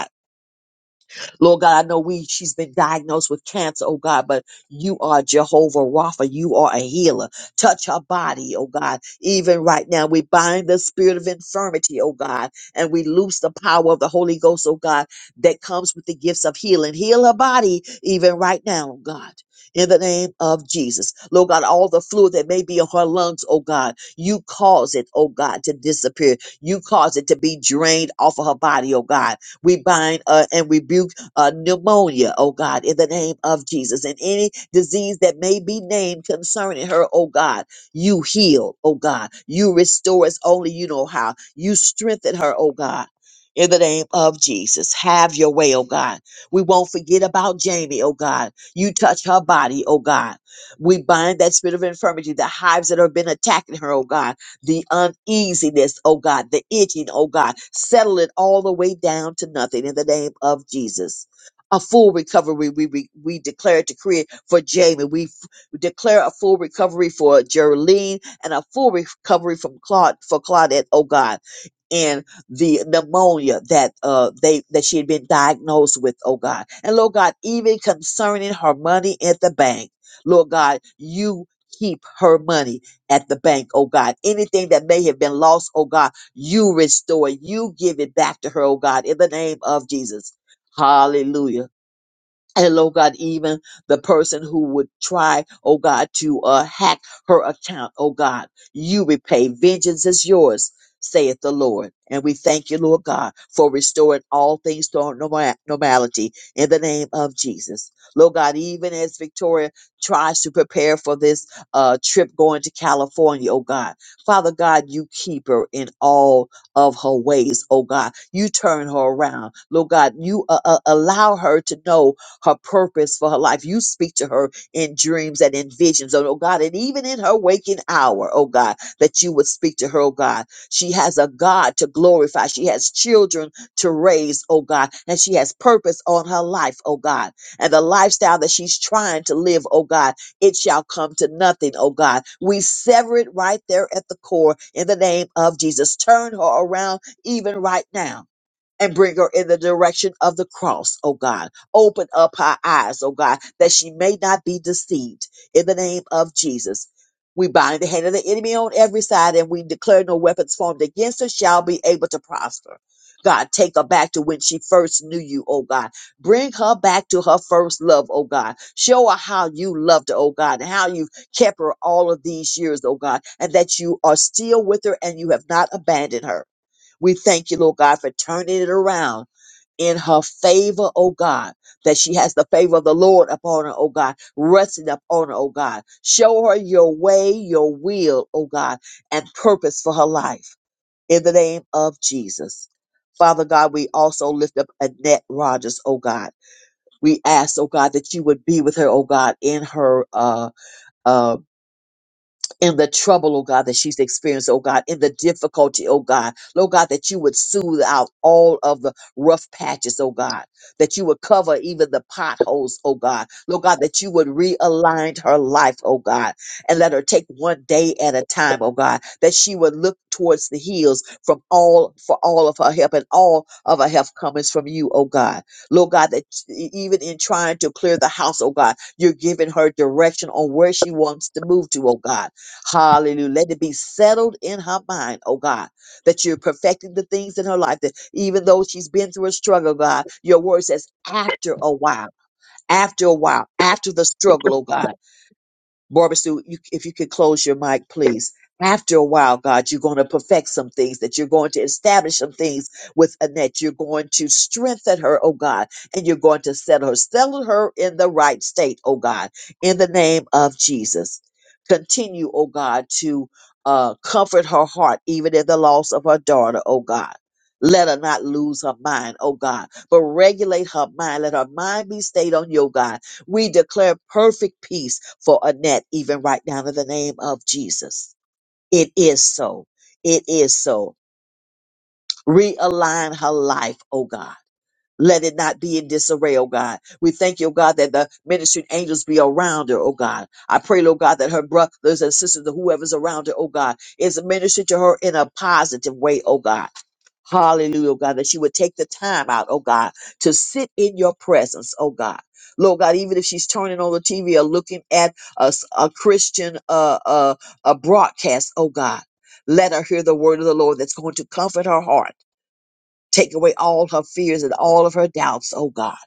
Lord God, I know we she's been diagnosed with cancer, oh God, but you are Jehovah Rapha. You are a healer. Touch her body, oh God. Even right now, we bind the spirit of infirmity, oh God, and we loose the power of the Holy Ghost, oh God, that comes with the gifts of healing. Heal her body even right now, oh God. In the name of Jesus. Lord God, all the fluid that may be in her lungs, oh God, you cause it, oh God, to disappear. You cause it to be drained off of her body, oh God. We bind uh, and rebuke uh, pneumonia, oh God, in the name of Jesus. And any disease that may be named concerning her, oh God, you heal, oh God. You restore us only you know how. You strengthen her, oh God. In the name of Jesus, have your way, oh God. We won't forget about Jamie, oh God. You touch her body, oh God. We bind that spirit of infirmity, the hives that have been attacking her, oh God, the uneasiness, oh God, the itching, oh God. Settle it all the way down to nothing in the name of Jesus a full recovery. We we, we declare to create for Jamie. We, f- we declare a full recovery for Geraldine and a full recovery from Claude for Claudette. Oh God, and the pneumonia that uh they that she had been diagnosed with. Oh God, and Lord God, even concerning her money at the bank, Lord God, you. Keep her money at the bank, oh God. Anything that may have been lost, oh God, you restore, you give it back to her, oh God, in the name of Jesus. Hallelujah. And Lord God, even the person who would try, oh God, to uh, hack her account, oh God, you repay. Vengeance is yours, saith the Lord. And we thank you, Lord God, for restoring all things to our norma- normality in the name of Jesus. Lord God, even as Victoria tries to prepare for this uh, trip going to California, oh God, Father God, you keep her in all of her ways, oh God. You turn her around. Lord God, you uh, uh, allow her to know her purpose for her life. You speak to her in dreams and in visions, oh oh, God, and even in her waking hour, oh God, that you would speak to her, oh God. She has a God to glorify. She has children to raise, oh God, and she has purpose on her life, oh God. And the lifestyle that she's trying to live, oh God, it shall come to nothing, oh God. We sever it right there at the core in the name of Jesus. Turn her around even right now and bring her in the direction of the cross, oh God. Open up her eyes, oh God, that she may not be deceived in the name of Jesus. We bind the hand of the enemy on every side and we declare no weapons formed against her shall be able to prosper. God, take her back to when she first knew you, oh God. Bring her back to her first love, oh God. Show her how you loved her, oh God, and how you've kept her all of these years, oh God, and that you are still with her and you have not abandoned her. We thank you, Lord God, for turning it around in her favor, oh God, that she has the favor of the Lord upon her, oh God, resting upon her, oh God. Show her your way, your will, oh God, and purpose for her life in the name of Jesus. Father God, we also lift up Annette Rogers, oh God. We ask, oh God, that you would be with her, oh God, in her uh, uh, in the trouble, oh God, that she's experienced, oh God, in the difficulty, oh God, Lord God, that you would soothe out all of the rough patches, oh God, that you would cover even the potholes, oh God, Lord God, that you would realign her life, oh God, and let her take one day at a time, oh God, that she would look towards the hills from all for all of her help and all of her help comes from you, oh God, Lord God, that e- even in trying to clear the house, oh God, you're giving her direction on where she wants to move to, oh God. Hallelujah. Let it be settled in her mind, oh God, that you're perfecting the things in her life. That even though she's been through a struggle, God, your word says, after a while, after a while, after the struggle, oh God. Barbara Sue, you, if you could close your mic, please. After a while, God, you're going to perfect some things, that you're going to establish some things with Annette. You're going to strengthen her, oh God, and you're going to settle her, settle her in the right state, oh God, in the name of Jesus. Continue, oh God, to uh, comfort her heart, even in the loss of her daughter, oh God. Let her not lose her mind, oh God, but regulate her mind. Let her mind be stayed on you, oh God we declare perfect peace for Annette, even right now, in the name of Jesus. It is so. It is so. Realign her life, oh God. Let it not be in disarray, oh God. We thank you, oh God, that the ministering angels be around her, oh God. I pray, oh God, that her brothers and sisters, whoever's around her, oh God, is ministering to her in a positive way, oh God Hallelujah, oh God, that she would take the time out, oh God, to sit in your presence, oh God. Lord God, even if she's turning on the TV or looking at a, s- a Christian uh, uh, a broadcast, oh God, let her hear the word of the Lord that's going to comfort her heart Take away all her fears and all of her doubts, oh God,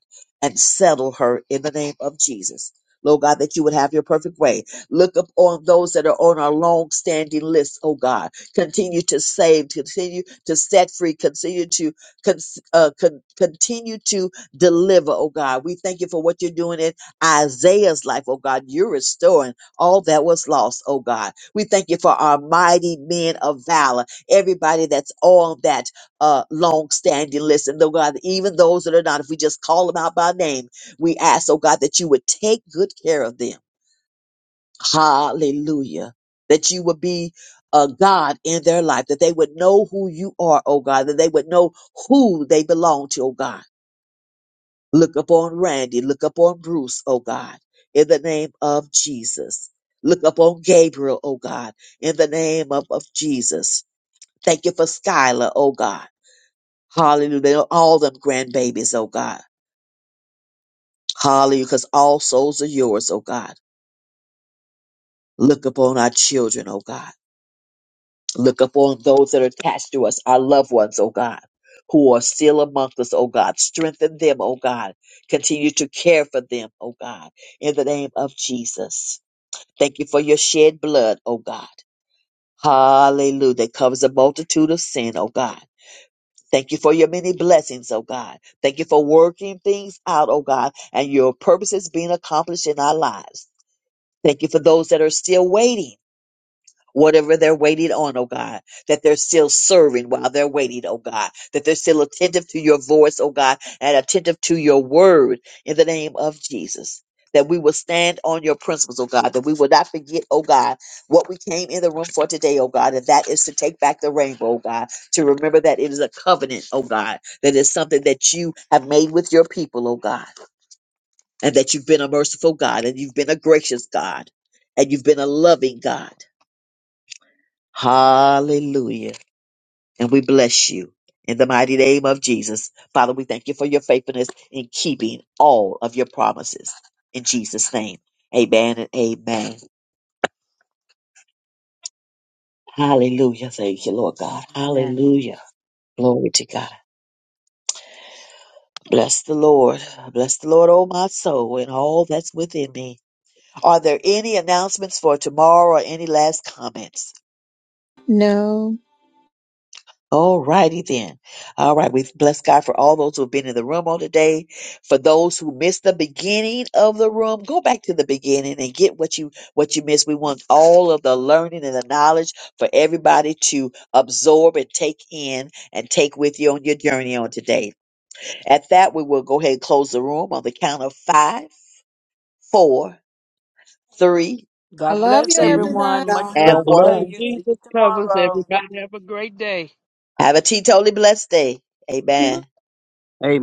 and settle her in the name of Jesus. Lord God, that you would have your perfect way. Look up on those that are on our long standing list, oh God. Continue to save, continue to set free, continue to con- uh, con- continue to deliver, oh God. We thank you for what you're doing in Isaiah's life, oh God. You're restoring all that was lost, oh God. We thank you for our mighty men of valor, everybody that's on that uh, long-standing list. And though God, even those that are not, if we just call them out by name, we ask, oh God, that you would take good care of them. Hallelujah. That you would be a God in their life, that they would know who you are, oh God, that they would know who they belong to, oh God. Look upon Randy, look upon Bruce, oh God, in the name of Jesus. Look upon Gabriel, oh God, in the name of, of Jesus. Thank you for Skylar, oh God. Hallelujah. all them grandbabies, oh God. Hallelujah. Because all souls are yours, oh God. Look upon our children, oh God. Look upon those that are attached to us, our loved ones, oh God, who are still amongst us, oh God. Strengthen them, oh God. Continue to care for them, oh God. In the name of Jesus. Thank you for your shed blood, oh God. Hallelujah. That covers a multitude of sin, oh God. Thank you for your many blessings, oh God. Thank you for working things out, oh God, and your purposes being accomplished in our lives. Thank you for those that are still waiting whatever they're waiting on, oh God, that they're still serving while they're waiting, oh God, that they're still attentive to your voice, oh God, and attentive to your word in the name of Jesus. That we will stand on your principles, oh God, that we will not forget, oh God, what we came in the room for today, oh God, and that is to take back the rainbow, oh God, to remember that it is a covenant, oh God, that is something that you have made with your people, oh God, and that you've been a merciful God, and you've been a gracious God, and you've been a loving God Hallelujah. And we bless you in the mighty name of Jesus. Father, we thank you for your faithfulness in keeping all of your promises. In Jesus' name, amen and amen. Hallelujah. Thank you, Lord God.
Amen.
Hallelujah. Glory to God. Bless the Lord. Bless the Lord, oh my soul, and all that's within me. Are there any announcements for tomorrow or any last comments?
No.
All righty then. All right. We bless God for all those who have been in the room all today. For those who missed the beginning of the room, go back to the beginning and get what you what you missed. We want all of the learning and the knowledge for everybody to absorb and take in and take with you on your journey on today. At that, we will go ahead and close the room on the count of five, four, three,
I
God
love
bless
you,
two,
everybody.
everyone. Much
The
and
love
blood
to
of
one.
you. See you
Jesus covers
tomorrow.
everybody. Have a great day.
Have a teetotally blessed day. Amen.
Amen.